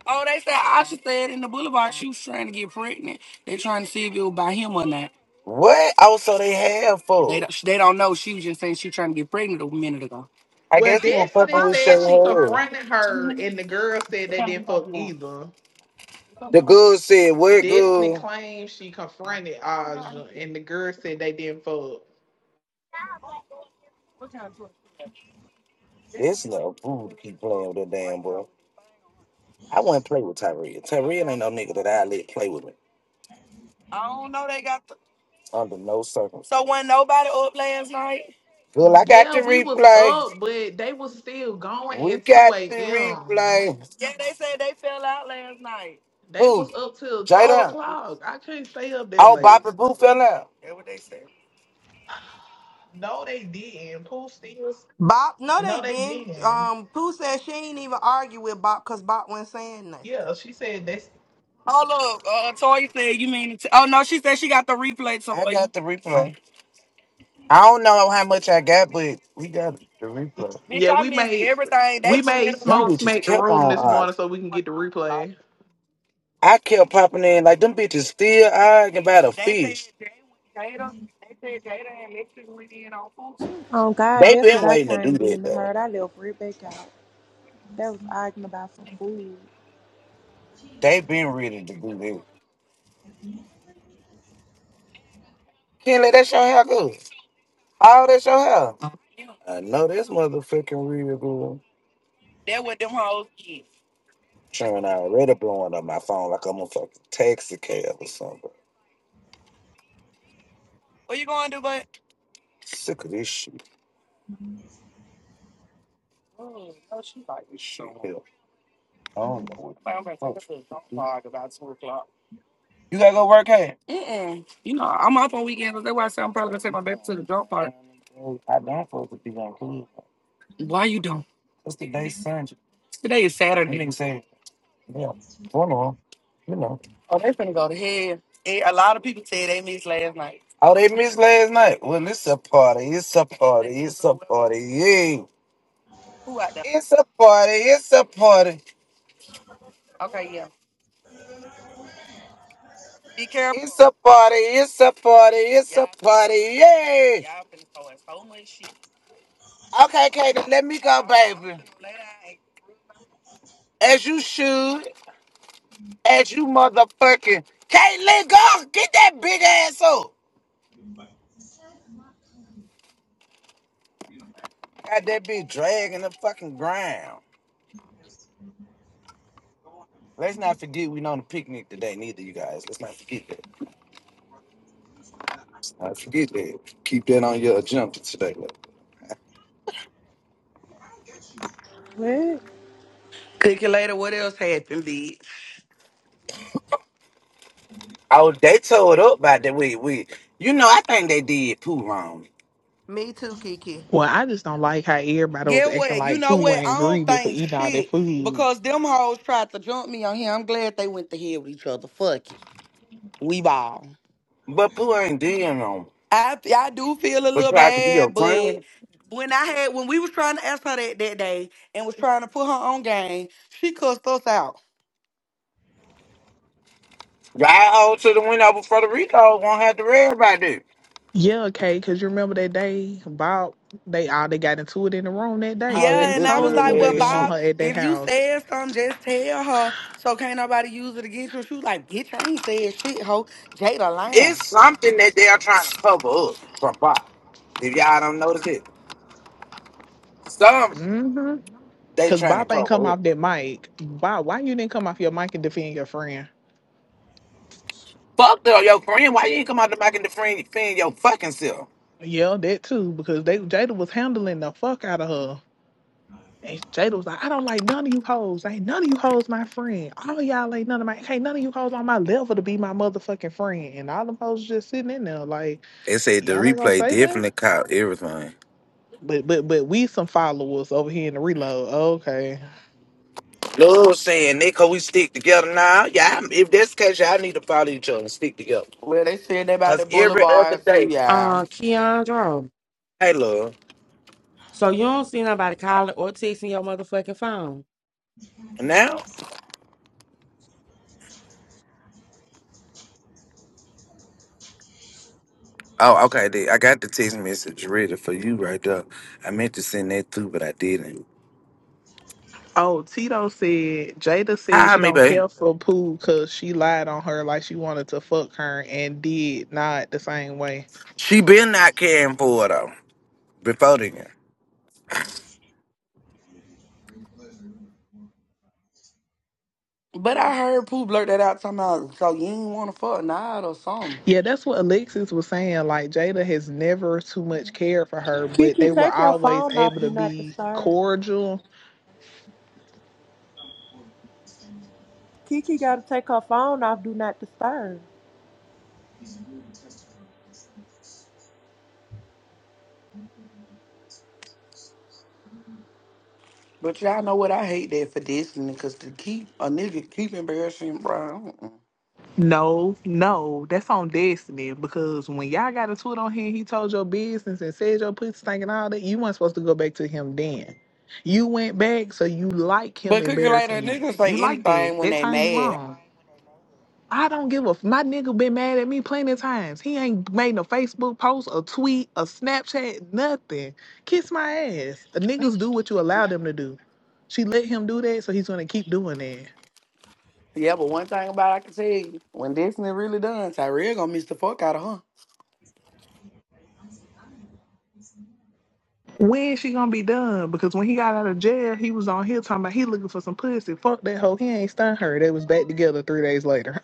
[SPEAKER 7] Oh, they said Aja said in the Boulevard she was trying to get pregnant. They trying to see if it was by him or not. What? Oh, so they have They for? don't, they don't know. She was just saying she trying to get pregnant a minute ago. I
[SPEAKER 3] Well,
[SPEAKER 7] guess he was
[SPEAKER 3] Destiny
[SPEAKER 7] fucking with Shay
[SPEAKER 3] said she
[SPEAKER 7] Hall.
[SPEAKER 3] confronted her, and the girl said they didn't fuck either.
[SPEAKER 7] The good said, "What
[SPEAKER 3] Destiny claims she confronted Aja
[SPEAKER 7] good?"
[SPEAKER 3] and the girl said they didn't fuck.
[SPEAKER 7] This little fool to keep playing with that damn boy. I wouldn't play with Tyrell. Tyrell ain't no nigga that I let play with me. I don't know they got the... under no circumstances. So when nobody up last night. Well, I got the
[SPEAKER 3] Yeah, we was
[SPEAKER 7] replay.
[SPEAKER 3] up, but they was still going
[SPEAKER 7] We
[SPEAKER 3] at 2
[SPEAKER 7] got the
[SPEAKER 3] a.m.
[SPEAKER 7] replay. Yeah, they said they fell out last night.
[SPEAKER 3] They
[SPEAKER 7] Who?
[SPEAKER 3] was up till 4
[SPEAKER 7] Jada.
[SPEAKER 3] o'clock. I couldn't stay up that
[SPEAKER 7] Oh,
[SPEAKER 3] late.
[SPEAKER 7] Bobby Boo fell out. Yeah, what they said.
[SPEAKER 3] No, they didn't. Pooh still.
[SPEAKER 2] Bob, no,
[SPEAKER 3] No,
[SPEAKER 2] they
[SPEAKER 3] they
[SPEAKER 2] didn't.
[SPEAKER 3] didn't.
[SPEAKER 2] Um, Pooh said she ain't even argue with Bob because Bob wasn't saying nothing.
[SPEAKER 3] Yeah, she said that's.
[SPEAKER 7] Oh look, uh, Toy said you mean? T- oh no, she said she got the replay. Toy. I got the replay. I don't know how much I got, but we got the replay. Bitch,
[SPEAKER 3] Yeah,
[SPEAKER 7] I
[SPEAKER 3] we
[SPEAKER 7] missed
[SPEAKER 3] made
[SPEAKER 7] everything. They
[SPEAKER 3] we
[SPEAKER 7] just
[SPEAKER 3] made
[SPEAKER 7] let us Them off.
[SPEAKER 3] smoke
[SPEAKER 7] bitches
[SPEAKER 3] smack the
[SPEAKER 7] kept on
[SPEAKER 3] room this morning so we can get the
[SPEAKER 7] arguing.
[SPEAKER 3] replay.
[SPEAKER 7] I kept popping in like them bitches still arguing about a They said fish. Jada, they said Jada and Mexican went in on food too.
[SPEAKER 10] Oh God,
[SPEAKER 7] They
[SPEAKER 10] that's what
[SPEAKER 7] been
[SPEAKER 10] I
[SPEAKER 7] waiting to do
[SPEAKER 10] came
[SPEAKER 7] that
[SPEAKER 10] being
[SPEAKER 7] though.
[SPEAKER 10] heard. I left right back out. They was arguing about some food.
[SPEAKER 7] They been ready to do that. can Kenley, that's your hair go. All that's your hair. Yeah. I know this motherfucking real good. That what them hoes did. Sharon I already blowing up my phone like I'm a fucking taxi cab or something. What you going to do, bud? Sick of this shit. Oh, no, she like This shit so. I don't know what Like, I'm gonna take fuck. her about two o'clock. You gotta go work here. Mm-mm. You know, I'm off on weekends. That's why I said I'm probably gonna take my baby to the dog park. I don't supposed to be on Cleveland. Why you don't? What's today's Sunday? Today is You Saturday. You didn't say. Yeah, one on, you know. Oh, they finna go to hell. Eh, A lot of people said they missed last night. Oh, they missed last night. Well, it's a party. It's a party. It's a party. Yeah. Who out there? It's a party. It's a party. Okay, yeah. Be careful. It's a party. It's a party. It's a party. Yeah. y'all finna throw in so much shit. Okay, Katie, let me go, baby. As you should, as you motherfucking. Caitlin, go get that big ass up. Got that bitch dragging the fucking ground. Let's not forget we on a picnic today, neither you guys. Let's not forget that. Let's not forget that. Keep that on your agenda today. Look.
[SPEAKER 10] What?
[SPEAKER 6] Calculator, what else happened, bitch?
[SPEAKER 7] Oh, they tore it up by the way. We, you know, I think they did Pooh wrong,
[SPEAKER 2] Me too, Kiki.
[SPEAKER 3] Well, I just don't like how everybody was
[SPEAKER 6] Get
[SPEAKER 3] acting
[SPEAKER 6] what? You
[SPEAKER 3] like
[SPEAKER 6] know
[SPEAKER 3] Pooh
[SPEAKER 6] what?
[SPEAKER 3] wasn't
[SPEAKER 6] I don't
[SPEAKER 3] greedy for
[SPEAKER 6] think
[SPEAKER 3] eating all that
[SPEAKER 6] shit
[SPEAKER 3] food.
[SPEAKER 6] because them hoes tried to jump me on here. I'm glad they went to hell with each other. Fuck it. We ball.
[SPEAKER 7] but Pooh ain't doing wrong.
[SPEAKER 6] I I do feel a
[SPEAKER 7] But
[SPEAKER 6] little
[SPEAKER 7] you have to be a
[SPEAKER 6] bad, but
[SPEAKER 7] friend.
[SPEAKER 6] when I had when we was trying to ask her that that day and was trying to put her on game, she cussed us out.
[SPEAKER 7] Y'all hold to the window before the Rico won't have to worry about that.
[SPEAKER 3] Yeah, okay, because you remember that day Bob they all they got into it in the room that day
[SPEAKER 7] All
[SPEAKER 3] when they
[SPEAKER 7] that
[SPEAKER 6] Yeah, and
[SPEAKER 7] good
[SPEAKER 6] I was
[SPEAKER 3] told
[SPEAKER 6] like,
[SPEAKER 3] Pooh they
[SPEAKER 6] Well,
[SPEAKER 7] related
[SPEAKER 3] didn't want
[SPEAKER 7] shit.
[SPEAKER 6] Bob,
[SPEAKER 3] her at their
[SPEAKER 6] if you
[SPEAKER 3] house.
[SPEAKER 6] said something, just tell her. So can't nobody use it against her. She was like, Bitch, I ain't said shit, ho. Jada lying.
[SPEAKER 7] It's something that they are trying to cover up from Bob. If y'all don't notice it, some
[SPEAKER 3] Mm-hmm.
[SPEAKER 7] they
[SPEAKER 3] Cause
[SPEAKER 7] trying to
[SPEAKER 3] Bob ain't come
[SPEAKER 7] cover up.
[SPEAKER 3] off that mic. Bob, why you didn't come off your mic and defend your friend?
[SPEAKER 7] Fuck though, your friend. Why you ain't come out the mic and defend, defend your fucking self?
[SPEAKER 3] Yeah, that too, because they Jada was handling the fuck out of her. And Jada was like, I don't like none of you hoes. Ain't none of you hoes my friend. All y'all ain't none of my ain't none of you hoes on my level to be my motherfucking friend. And all them hoes just sitting in there like,
[SPEAKER 7] They said the
[SPEAKER 3] y'all ain't gonna
[SPEAKER 7] replay
[SPEAKER 3] say nothing.
[SPEAKER 7] definitely caught everything.
[SPEAKER 3] But but but we some followers over here in the reload. Okay.
[SPEAKER 7] No, what I'm saying, Nico, we stick together now. Yeah, I'm- if that's the case, y'all need to follow each other and stick together.
[SPEAKER 6] Well, they said that about
[SPEAKER 7] Cause
[SPEAKER 6] the
[SPEAKER 7] every other
[SPEAKER 6] boulevard too,
[SPEAKER 7] day,
[SPEAKER 6] yeah.
[SPEAKER 12] Uh, Keandro.
[SPEAKER 7] hey, love.
[SPEAKER 12] So you don't see nobody calling or texting your motherfucking phone.
[SPEAKER 7] Now, Oh, okay. They, I got the text message ready for you right there. I meant to send that through, but I didn't.
[SPEAKER 3] Oh, Tito said Jada said
[SPEAKER 7] hi,
[SPEAKER 3] she
[SPEAKER 7] me,
[SPEAKER 3] don't
[SPEAKER 7] babe.
[SPEAKER 3] care for Pooh because she lied on her like she wanted to fuck her and did not the same way.
[SPEAKER 7] She been not caring for her though before then.
[SPEAKER 6] But I heard Pooh blurt that out talking about, so you ain't wanna fuck Nod or something.
[SPEAKER 3] Yeah, that's what Alexis was saying. Like Jada has never too much cared for her, but they
[SPEAKER 10] Kiki,
[SPEAKER 3] were
[SPEAKER 10] take your
[SPEAKER 3] always
[SPEAKER 10] phone off.
[SPEAKER 3] able to
[SPEAKER 10] Do not
[SPEAKER 3] be
[SPEAKER 10] disturb.
[SPEAKER 3] cordial
[SPEAKER 10] Kiki got to take her phone off. Do not disturb.
[SPEAKER 6] But y'all know what I hate that for Destiny, cause to keep a nigga keep embarrassing, bro. mm-mm.
[SPEAKER 3] No, no, that's on Destiny because when y'all got into it on here, he told your business and said your pussy stank and all that. You weren't supposed to go back to him then. You went back, so you like him
[SPEAKER 6] But quicker
[SPEAKER 3] embarrassing
[SPEAKER 6] later,
[SPEAKER 3] you.
[SPEAKER 6] niggas
[SPEAKER 3] You
[SPEAKER 6] say
[SPEAKER 3] like that.
[SPEAKER 6] anything when
[SPEAKER 3] That
[SPEAKER 6] they
[SPEAKER 3] turned you
[SPEAKER 6] mad.
[SPEAKER 3] on. I don't give a f- my nigga been mad at me plenty of times. He ain't made no Facebook post, a tweet, a Snapchat, nothing. Kiss my ass. Niggas do what you allow them to do. She let him do that, so he's gonna keep doing that.
[SPEAKER 6] Yeah, but one thing about it, I can tell you, when Destiny really done, Tyrell gonna miss the fuck out of her.
[SPEAKER 3] When is she gonna be done? Because when he got out of jail, he was on here talking about he looking for some pussy. Fuck that hoe. He ain't stunned her. They was back together three days later.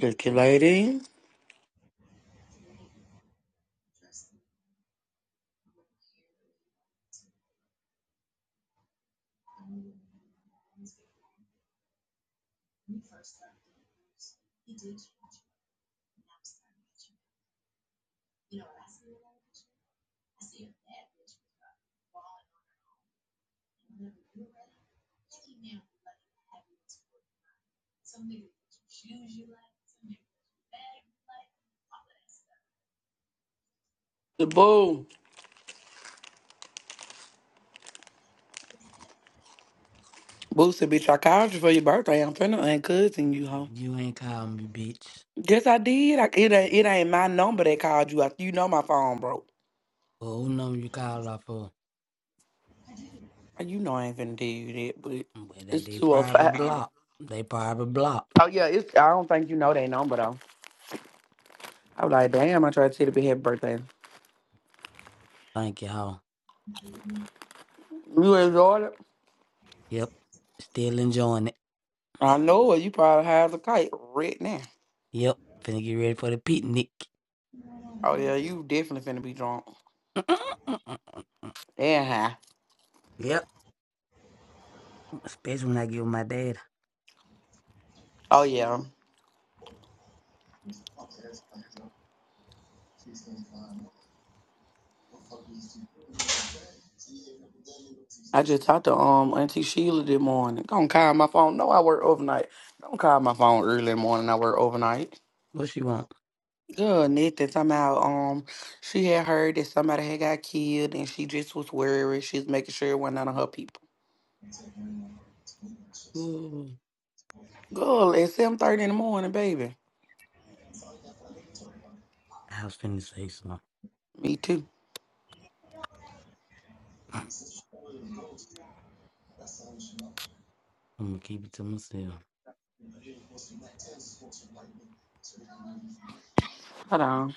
[SPEAKER 6] Look at lady. The boo. Boo should be psychiatrist for your birthday. I'm finna uncussing you, huh?
[SPEAKER 11] You ain't call me, bitch.
[SPEAKER 6] Yes, I did. I, it, ain't, it ain't my number that called you. I, you know my phone broke.
[SPEAKER 11] Well, who number you call off for?
[SPEAKER 6] You know I ain't finna tell you that, but
[SPEAKER 11] Well, that
[SPEAKER 6] it's
[SPEAKER 11] they
[SPEAKER 6] 205.
[SPEAKER 11] private
[SPEAKER 6] Oh, five.
[SPEAKER 11] block. They private block.
[SPEAKER 6] Oh, yeah. It's, I don't think you know that number, though. I was like, damn, I tried to tell you happy birthday.
[SPEAKER 11] Thank y'all.
[SPEAKER 6] You enjoyed it?
[SPEAKER 11] Yep. Still enjoying it.
[SPEAKER 6] I know it. You probably high as a kite right now.
[SPEAKER 11] Yep. Finna get ready for the picnic.
[SPEAKER 6] Oh, yeah. You definitely finna be drunk. And high.
[SPEAKER 11] *laughs* yep. Especially when I get with my dad.
[SPEAKER 6] Oh, yeah. I just talked to um Auntie Sheila this morning. Don't call my phone. No, I work overnight. Don't call my phone early in the morning. I work overnight.
[SPEAKER 11] What she want?
[SPEAKER 6] Good, Nathan. Somehow, um, she had heard that somebody had got killed, and she just was worried. She's making sure it wasn't none of her people.
[SPEAKER 11] Ooh.
[SPEAKER 6] Good. At seven thirty in the morning, baby.
[SPEAKER 11] I was finna say something.
[SPEAKER 6] Me too.
[SPEAKER 11] *laughs* I'm gonna keep it to myself.
[SPEAKER 6] Hold on.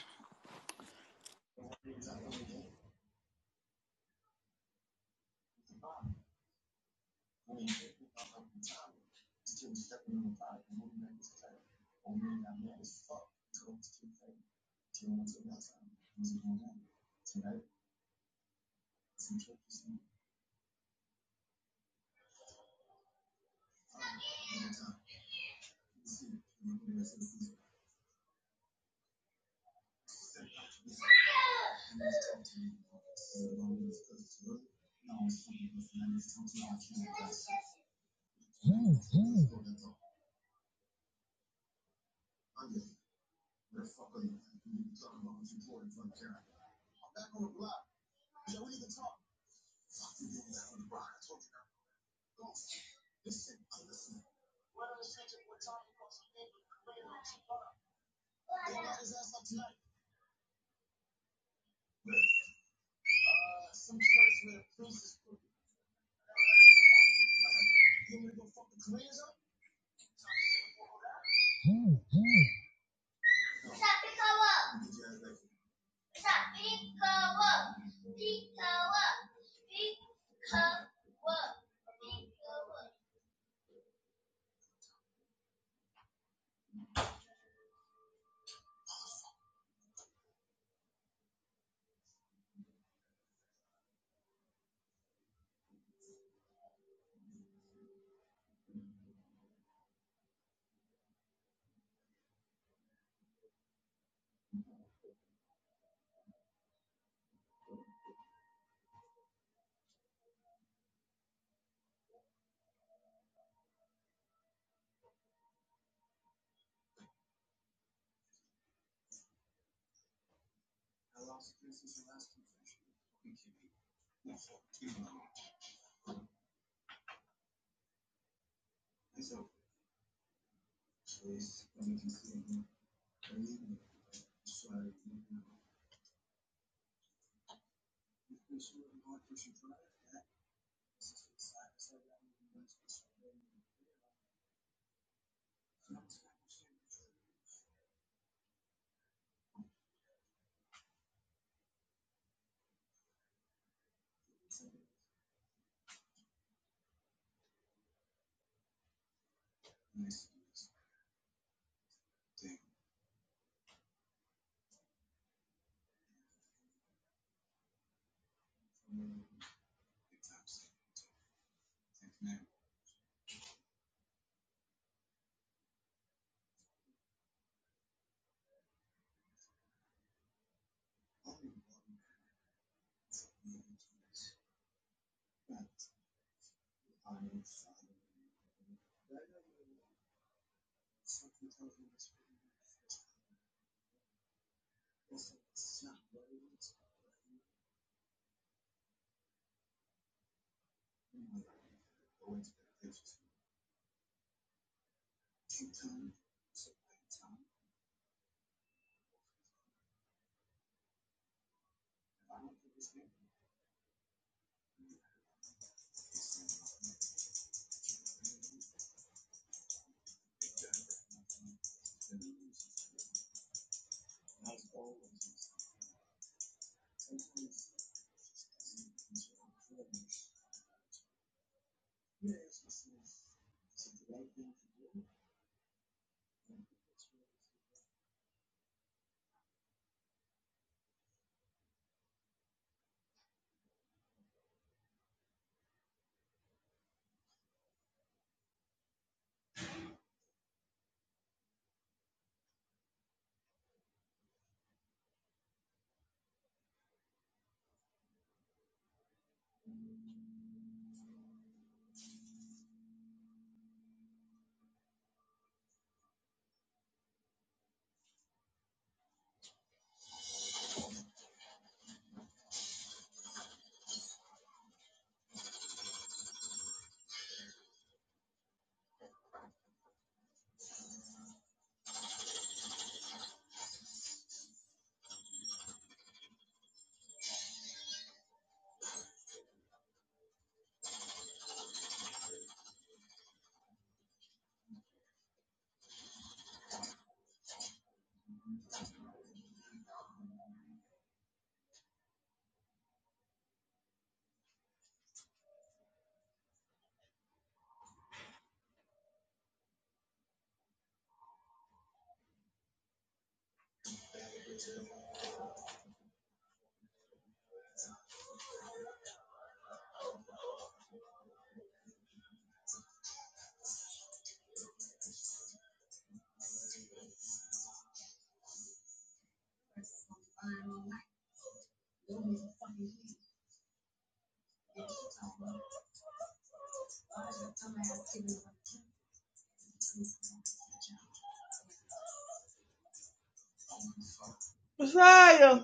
[SPEAKER 4] Messiah,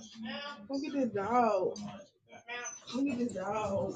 [SPEAKER 4] look at this dog. Look at this dog.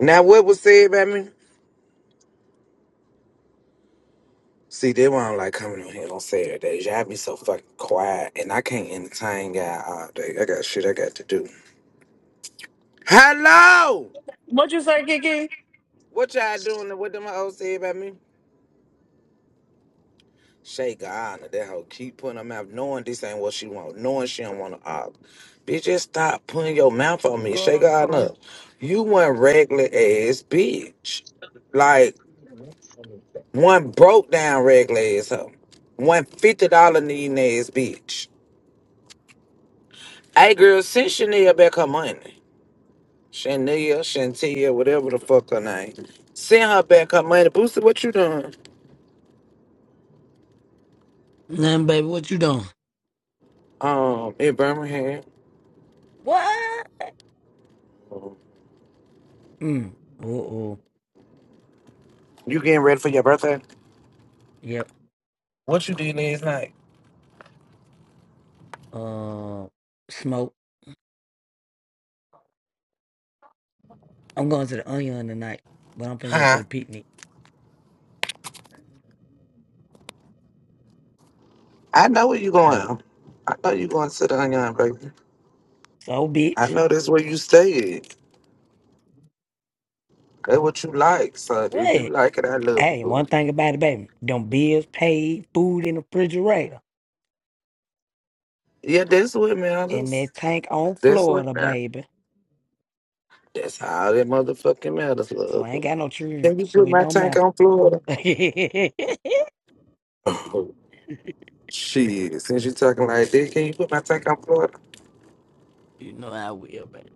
[SPEAKER 7] Now, what was said about me? See, they why I don't like coming on here on Saturdays. Y'all be so fucking quiet, and I can't entertain y'all all day. I got shit I got to do. Hello,
[SPEAKER 8] What you say, Kiki?
[SPEAKER 7] what y'all doing? What them hoes say about me? Shake her honor. That hoe keep putting her mouth, knowing this ain't what she want, knowing she don't want to op. Bitch, just stop putting your mouth on me. Shake her honor up. You one regular ass bitch, like one broke down regular ass hoe, one fifty dollar needing ass bitch. Hey girl, send Chanel back her money. Shania, Shantia, whatever the fuck her name. Send her back her money. Booster, what you doing?
[SPEAKER 11] Then, baby, what you doing?
[SPEAKER 7] Um, in Birmingham.
[SPEAKER 11] What? Mm. Uh oh.
[SPEAKER 7] You getting ready for your birthday?
[SPEAKER 11] Yep.
[SPEAKER 7] What you did last night?
[SPEAKER 11] Uh. Smoke. I'm going to the Onion tonight, but I'm finna go to
[SPEAKER 7] Huh?
[SPEAKER 11] the picnic.
[SPEAKER 7] I know where you
[SPEAKER 11] Oh,
[SPEAKER 7] going. I know you going to the onion, baby.
[SPEAKER 11] so
[SPEAKER 7] I
[SPEAKER 11] bitch.
[SPEAKER 7] know that's where you stay at. That's what you like, son. If you
[SPEAKER 11] What?
[SPEAKER 7] like it, I love it.
[SPEAKER 11] Hey,
[SPEAKER 7] boo.
[SPEAKER 11] one thing about it, baby. Them bills paid, food in the refrigerator,
[SPEAKER 7] Yeah, that's what
[SPEAKER 11] and
[SPEAKER 7] matters.
[SPEAKER 11] that tank on
[SPEAKER 7] That's
[SPEAKER 11] Florida,
[SPEAKER 7] what matters.
[SPEAKER 11] baby.
[SPEAKER 7] That's how that motherfucking matters,
[SPEAKER 11] So
[SPEAKER 7] love.
[SPEAKER 11] I ain't got no children,
[SPEAKER 7] Can you
[SPEAKER 11] so
[SPEAKER 7] put
[SPEAKER 11] it
[SPEAKER 7] my
[SPEAKER 11] don't
[SPEAKER 7] tank
[SPEAKER 11] matter.
[SPEAKER 7] on Florida?
[SPEAKER 11] *laughs* you
[SPEAKER 7] *laughs* Shit, since you talking like that, can you put my tank on Florida?
[SPEAKER 11] know I will, baby.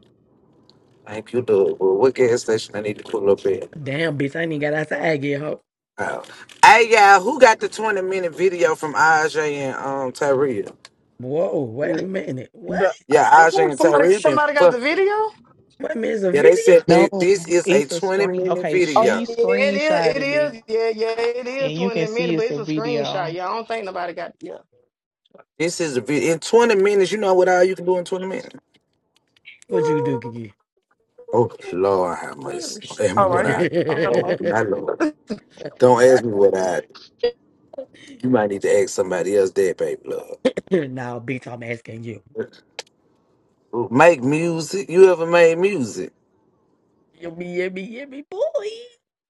[SPEAKER 7] Thank you, dog. But what gas station I need to pull up at?
[SPEAKER 11] Damn, bitch, I ain't even got outside yet, ho.
[SPEAKER 7] Oh. Hey, y'all, who got the 20 minute video from Aj and um Tyria?
[SPEAKER 11] Whoa, wait a minute. What?
[SPEAKER 8] The-
[SPEAKER 7] Yeah,
[SPEAKER 8] Ooh,
[SPEAKER 7] Aj and
[SPEAKER 8] somebody,
[SPEAKER 7] Tyria been
[SPEAKER 8] somebody got the
[SPEAKER 7] fucking.
[SPEAKER 8] video?
[SPEAKER 11] What minutes a
[SPEAKER 7] Yeah, they
[SPEAKER 11] video?
[SPEAKER 7] said
[SPEAKER 3] *laughs* no,
[SPEAKER 7] they, this is a
[SPEAKER 3] it's a
[SPEAKER 7] 20
[SPEAKER 3] screen.
[SPEAKER 7] minute
[SPEAKER 3] Okay,
[SPEAKER 8] Oh
[SPEAKER 3] she
[SPEAKER 8] yeah,
[SPEAKER 7] video.
[SPEAKER 8] it is. It
[SPEAKER 3] screenshotted it,
[SPEAKER 8] is. Yeah, yeah, it
[SPEAKER 3] and
[SPEAKER 8] is
[SPEAKER 3] you can
[SPEAKER 8] twenty
[SPEAKER 3] see
[SPEAKER 8] minutes, but
[SPEAKER 3] it's a
[SPEAKER 8] it's a screenshot.
[SPEAKER 3] video.
[SPEAKER 8] Yeah, I don't think nobody got. Yeah.
[SPEAKER 7] This is a video. In 20 minutes, you know what all you can do in 20 minutes?
[SPEAKER 11] What you do,
[SPEAKER 8] Oh,
[SPEAKER 11] Kiki?
[SPEAKER 7] Oh, Lord, how much? Don't
[SPEAKER 11] *laughs*
[SPEAKER 7] ask
[SPEAKER 11] *laughs*
[SPEAKER 7] me
[SPEAKER 11] no,
[SPEAKER 8] right
[SPEAKER 7] what
[SPEAKER 8] here.
[SPEAKER 7] I.
[SPEAKER 8] You
[SPEAKER 7] Oh,
[SPEAKER 8] know,
[SPEAKER 7] my Lord. Don't ask me what I. You might need to ask somebody else that, baby, love.
[SPEAKER 11] bitch, I'm asking you.
[SPEAKER 7] Make music. You ever made music?
[SPEAKER 11] Yummy, yummy, yummy, boy.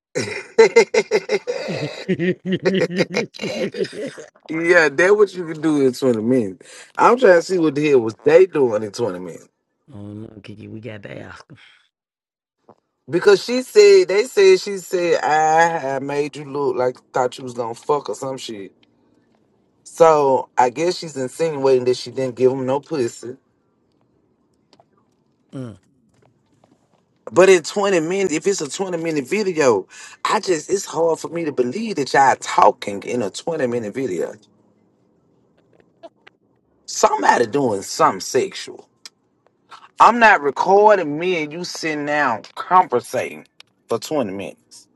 [SPEAKER 7] *laughs* yeah,
[SPEAKER 11] *laughs*
[SPEAKER 7] that what you can do in 20 minutes. I'm trying to see what the hell was they doing in 20 minutes.
[SPEAKER 11] oh no, Kiki, we got to ask
[SPEAKER 7] Because she said, they said, she said, I, I made you look like thought you was gonna fuck or some shit. So I guess she's insinuating that she didn't give him no pussy.
[SPEAKER 11] him.
[SPEAKER 7] But in 20 minutes, if it's a 20 minute video, I just, it's hard for me to believe that y'all talking in a 20 minute video. Somebody doing something sexual. I'm not recording me and you sitting down conversating for 20 minutes.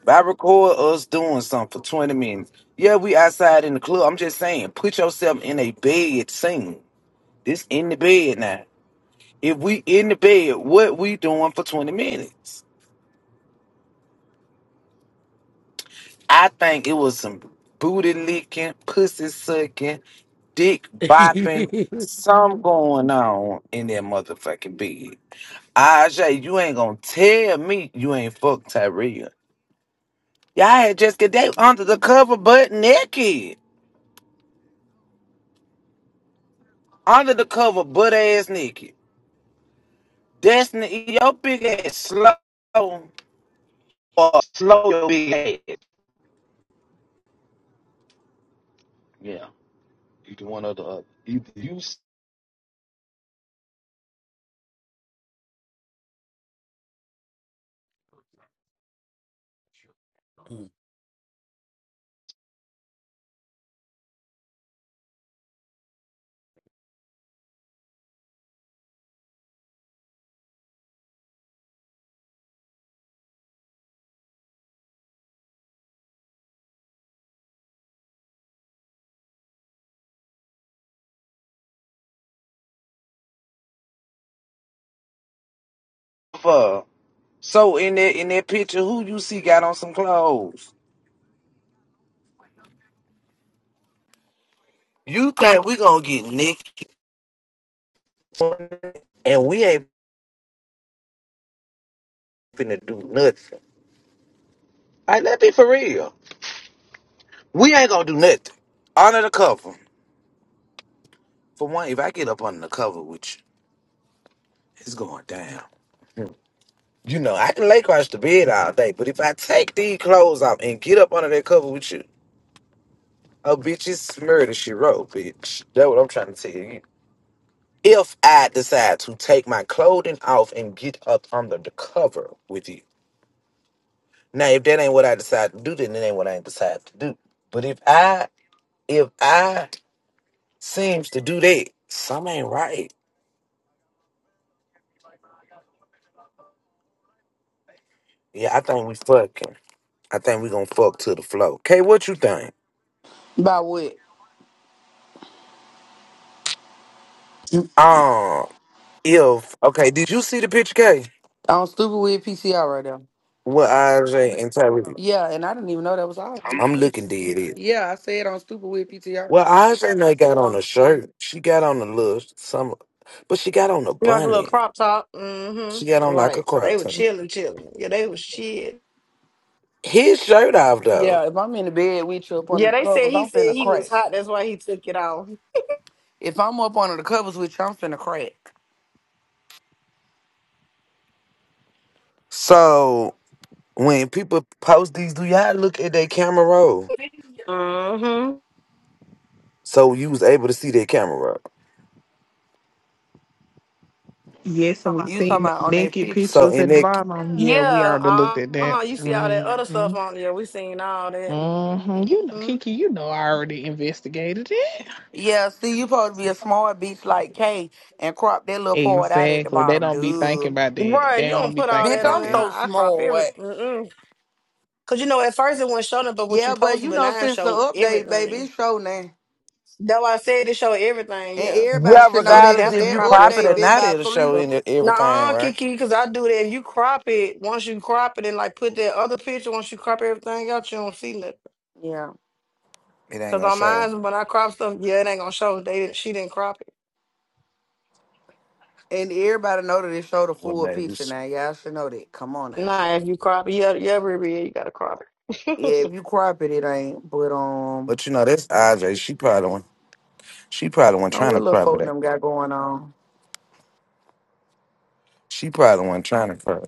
[SPEAKER 7] If I record us doing something for 20 minutes, yeah, we outside in the club. I'm just saying, put yourself in a bed scene. This in the bed now. If we in the bed, what we doing for 20 minutes? I think it was some booty licking, pussy sucking, dick bopping,
[SPEAKER 11] Mm. *laughs*
[SPEAKER 7] some going on in that motherfucking bed. Ajay, you ain't gonna tell me you ain't fucked Tyria. Y'all had Jessica Day under the cover butt naked. Under the cover butt ass naked. Destiny, your big ass slow or slow your big ass. Yeah, either one or the other. You, you
[SPEAKER 11] Oh
[SPEAKER 7] suffer. So in that in that picture, who you see got on some clothes? You think we gonna get naked and we ain't finna do nothing. Like, let's be for real. We ain't gonna do nothing. Under the cover. For one, if I get up under the cover with you, it's going down. You know, I can lay across the bed all day, but if I take these clothes off and get up under that cover with you, a bitch is murder she wrote, bitch. That's what I'm trying to tell you. If I decide to take my clothing off and get up under the cover with you. Now, if that ain't what I decide to do, then it ain't what I decide to do. But if I, if I seems to do that, something ain't right. Yeah, I think we fucking. I think we gonna fuck to the flow. Kay, what you think?
[SPEAKER 6] About what?
[SPEAKER 7] Um, if okay, did you see the picture, K?
[SPEAKER 6] On stupid weird PCR right there.
[SPEAKER 7] With IJ and Tyreek?
[SPEAKER 6] Yeah, and I didn't even know that was all.
[SPEAKER 7] I'm looking dead. It
[SPEAKER 6] Yeah, I said on stupid weird PTR.
[SPEAKER 7] well, IJ and got on a shirt. She got on a little some, but she got on a
[SPEAKER 8] like a little
[SPEAKER 7] bunny.
[SPEAKER 8] crop top.
[SPEAKER 7] She got
[SPEAKER 8] Mm-hmm.
[SPEAKER 7] on like a
[SPEAKER 8] Right. So they
[SPEAKER 7] crop
[SPEAKER 8] were
[SPEAKER 7] top.
[SPEAKER 8] chilling, chilling. Yeah, they was shit.
[SPEAKER 7] His shirt off though.
[SPEAKER 6] Yeah, if I'm in the bed with you up under
[SPEAKER 8] Yeah,
[SPEAKER 6] the
[SPEAKER 8] they said
[SPEAKER 6] covers,
[SPEAKER 8] he
[SPEAKER 6] I'm
[SPEAKER 8] said
[SPEAKER 6] finna
[SPEAKER 8] he was
[SPEAKER 6] crack.
[SPEAKER 8] hot. That's why he took it off.
[SPEAKER 6] If I'm up under the covers with you, I'm finna crack.
[SPEAKER 7] So when people post these, do y'all look at their camera roll?
[SPEAKER 8] Mm-hmm.
[SPEAKER 7] So you was able to see their camera roll.
[SPEAKER 3] Yes, and we
[SPEAKER 6] You
[SPEAKER 3] seen
[SPEAKER 6] talking
[SPEAKER 3] the
[SPEAKER 6] about on that
[SPEAKER 3] naked
[SPEAKER 6] picture?
[SPEAKER 7] So
[SPEAKER 3] pictures
[SPEAKER 7] in
[SPEAKER 3] at the
[SPEAKER 7] that,
[SPEAKER 3] bottom. Yeah, we
[SPEAKER 8] Yeah.
[SPEAKER 3] already
[SPEAKER 8] Uh
[SPEAKER 3] looked at that.
[SPEAKER 8] huh. You see all that other stuff
[SPEAKER 3] Mm-hmm.
[SPEAKER 8] on there. We seen all that.
[SPEAKER 3] Mm-hmm. You know,
[SPEAKER 8] Mm-hmm.
[SPEAKER 3] Kiki, you know I already investigated it.
[SPEAKER 6] Yeah, see, you supposed to be a smart bitch like Kay and crop that little part out at the
[SPEAKER 3] Exactly. They
[SPEAKER 6] bottom,
[SPEAKER 3] don't be thinking
[SPEAKER 6] dude.
[SPEAKER 3] about that.
[SPEAKER 8] Right. You
[SPEAKER 3] They don't
[SPEAKER 8] don't
[SPEAKER 3] be
[SPEAKER 8] put all
[SPEAKER 3] thinking
[SPEAKER 6] Bitch,
[SPEAKER 8] that on
[SPEAKER 3] about
[SPEAKER 6] I'm
[SPEAKER 8] there.
[SPEAKER 3] that.
[SPEAKER 6] so
[SPEAKER 8] I crop
[SPEAKER 6] smart.
[SPEAKER 8] everything. Cause you know, at first it wasn't showing up, but what you
[SPEAKER 6] Yeah, but
[SPEAKER 8] posted,
[SPEAKER 6] you
[SPEAKER 8] but
[SPEAKER 6] know,
[SPEAKER 8] now it
[SPEAKER 6] since the
[SPEAKER 8] show
[SPEAKER 6] update, baby,
[SPEAKER 8] everything.
[SPEAKER 6] it's show now.
[SPEAKER 8] Though I said it show everything,
[SPEAKER 6] And
[SPEAKER 8] yeah.
[SPEAKER 6] everybody
[SPEAKER 7] yeah,
[SPEAKER 6] should
[SPEAKER 8] So
[SPEAKER 6] know
[SPEAKER 8] you
[SPEAKER 6] that
[SPEAKER 7] regardless
[SPEAKER 8] have
[SPEAKER 6] because
[SPEAKER 8] to
[SPEAKER 7] if
[SPEAKER 6] that
[SPEAKER 7] you
[SPEAKER 8] crop your
[SPEAKER 7] crop it
[SPEAKER 6] update
[SPEAKER 7] or
[SPEAKER 8] stuff.
[SPEAKER 6] been
[SPEAKER 7] not,
[SPEAKER 6] about
[SPEAKER 7] it'll
[SPEAKER 6] three.
[SPEAKER 7] show in it- everything,
[SPEAKER 8] Nah,
[SPEAKER 7] right?
[SPEAKER 8] Kiki, because I do that. you crop it, once you crop it and like put that other picture, once you crop everything out, you don't see nothing.
[SPEAKER 6] Yeah.
[SPEAKER 7] It ain't
[SPEAKER 8] Cause
[SPEAKER 7] gonna
[SPEAKER 8] on
[SPEAKER 7] show.
[SPEAKER 8] mine, when I crop stuff, yeah, it ain't gonna show. They didn't, she didn't crop it.
[SPEAKER 6] And everybody know that it showed the
[SPEAKER 7] Well,
[SPEAKER 6] full
[SPEAKER 7] maybe.
[SPEAKER 6] picture now. Y'all should know that. Come on now.
[SPEAKER 8] Nah, if you crop it, yeah, yeah, Ruby, yeah, you gotta crop it. *laughs*
[SPEAKER 6] Yeah, if you crop it, it ain't. But, um,
[SPEAKER 7] But you know, that's Audrey. She probably one. She probably one
[SPEAKER 6] you know
[SPEAKER 7] trying
[SPEAKER 6] what
[SPEAKER 7] to
[SPEAKER 6] little
[SPEAKER 7] cry for
[SPEAKER 6] folk
[SPEAKER 7] that.
[SPEAKER 6] them got going on.
[SPEAKER 7] She probably one trying to cry.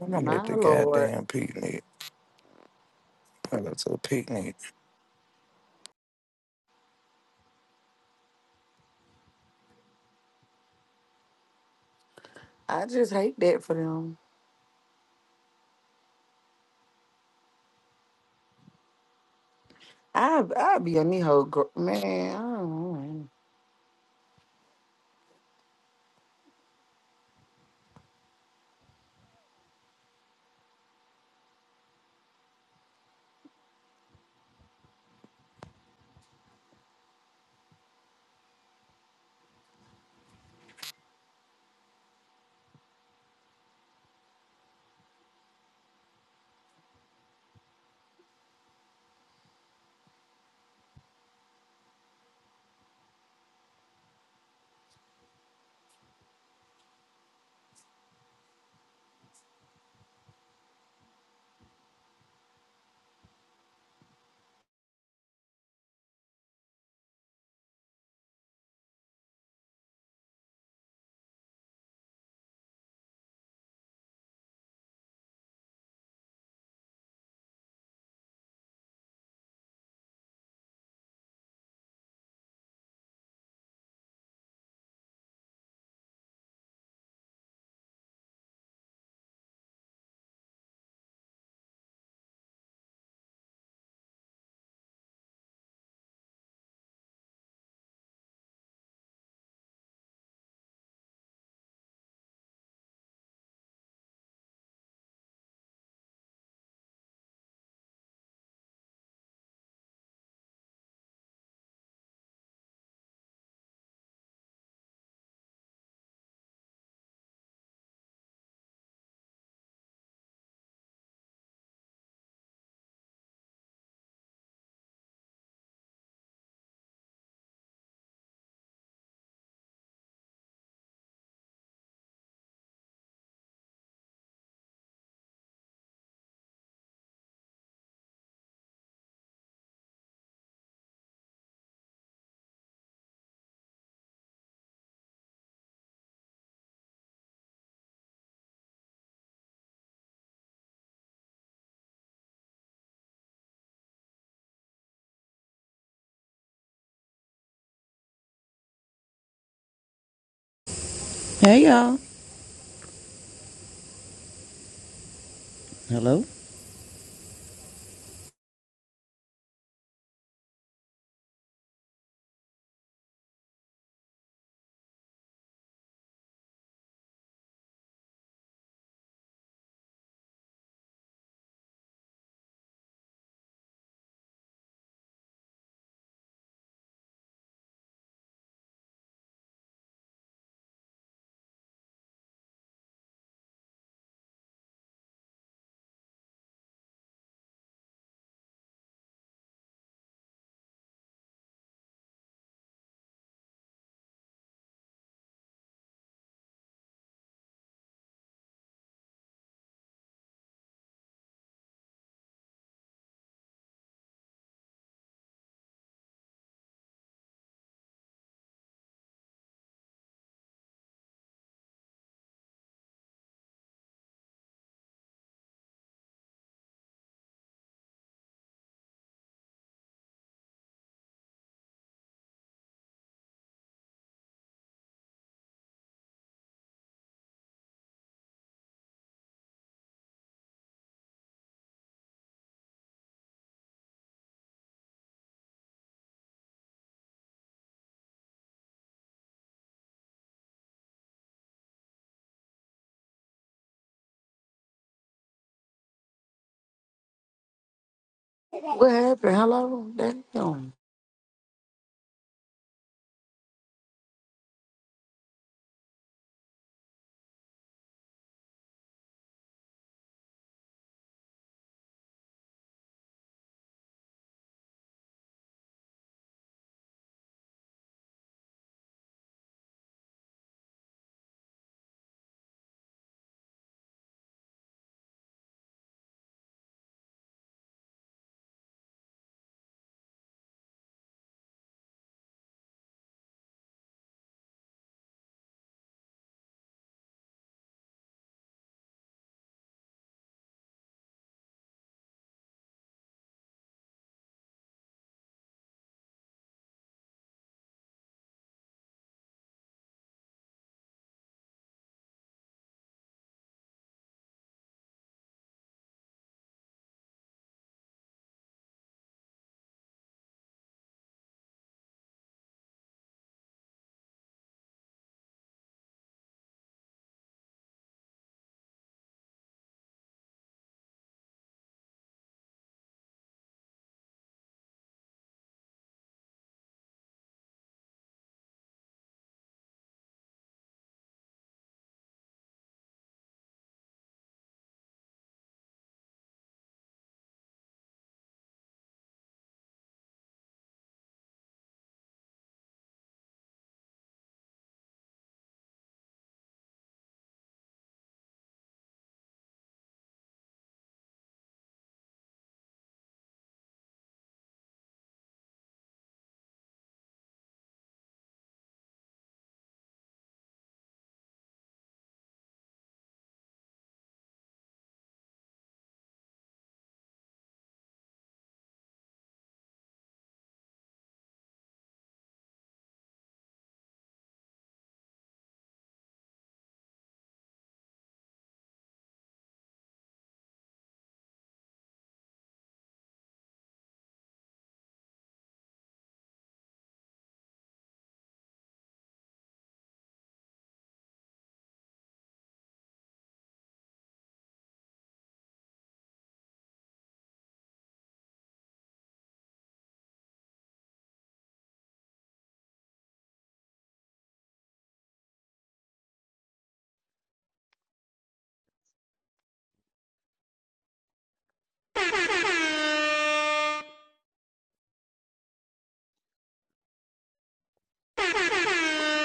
[SPEAKER 7] I'm
[SPEAKER 6] My
[SPEAKER 7] at the
[SPEAKER 6] lord.
[SPEAKER 7] goddamn picnic. I go to a picnic.
[SPEAKER 6] I just hate that for them. I I be on the whole gr- man. I don't know.
[SPEAKER 13] Hey y'all. Hello.
[SPEAKER 6] What happened? Hello, damn,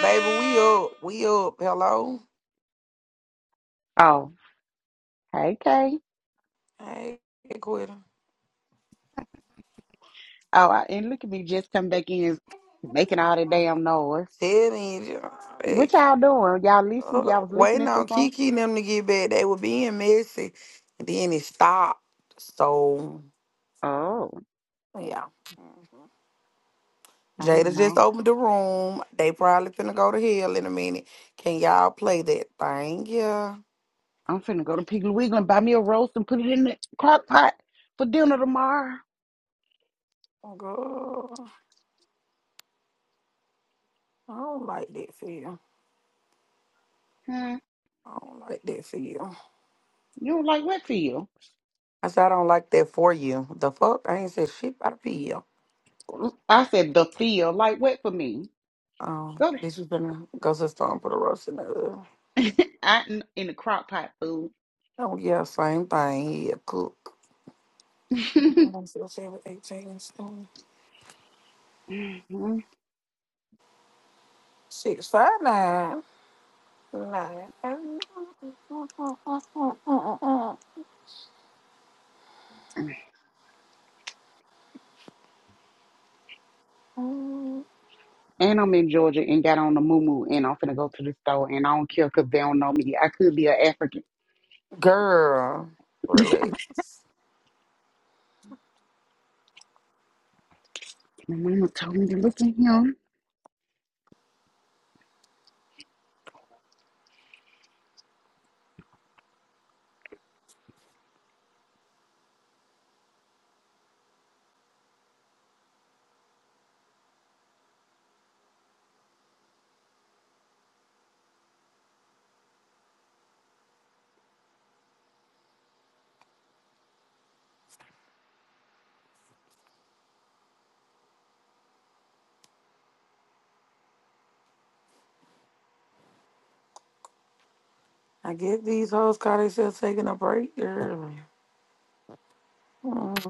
[SPEAKER 6] baby, we up, we up. Hello,
[SPEAKER 14] Oh, hey, Kay.
[SPEAKER 6] hey, quitter.
[SPEAKER 14] Oh, I, and look at me just come back in making all that damn noise.
[SPEAKER 6] Tell me, you know,
[SPEAKER 14] What
[SPEAKER 6] hey,
[SPEAKER 14] y'all doing? Y'all listen?
[SPEAKER 6] uh,
[SPEAKER 14] Y'all was
[SPEAKER 6] waiting
[SPEAKER 14] listening to
[SPEAKER 6] on
[SPEAKER 14] some?
[SPEAKER 6] Kiki and them to get back. They were being messy, and then it stopped. So
[SPEAKER 14] Oh,
[SPEAKER 6] yeah,
[SPEAKER 14] I ain't
[SPEAKER 6] Jada just
[SPEAKER 14] know.
[SPEAKER 6] opened the room. They probably finna go to hell in a minute. Can y'all play that thing? Yeah.
[SPEAKER 14] I'm finna go to Piggly Wiggly and buy me a roast and put it in the crock pot for dinner tomorrow.
[SPEAKER 6] Oh, God. I don't like that for you.
[SPEAKER 14] Huh?
[SPEAKER 6] I don't like that for you.
[SPEAKER 14] You don't like wet for you?
[SPEAKER 6] I said I don't like that for you. The fuck? I ain't said shit about a pill.
[SPEAKER 14] I said the feel like wet for me.
[SPEAKER 6] Um,
[SPEAKER 14] Go to,
[SPEAKER 6] this is gonna go to the store and put a roast in the oven.
[SPEAKER 14] I in the crock pot food.
[SPEAKER 6] Oh yeah, same thing. He a cook. I
[SPEAKER 14] *laughs*
[SPEAKER 6] don't feel sad with eighteen stone.
[SPEAKER 14] Mhm.
[SPEAKER 6] Six five nine. Nine.
[SPEAKER 14] And I'm in Georgia and got on the moo and I'm finna go to the store and I don't care because they don't know me. I could be an African.
[SPEAKER 6] Girl,
[SPEAKER 14] *laughs*
[SPEAKER 6] relax.
[SPEAKER 14] My mama told me to look at him.
[SPEAKER 6] I guess these hoes call themselves taking a break, girl. Mm.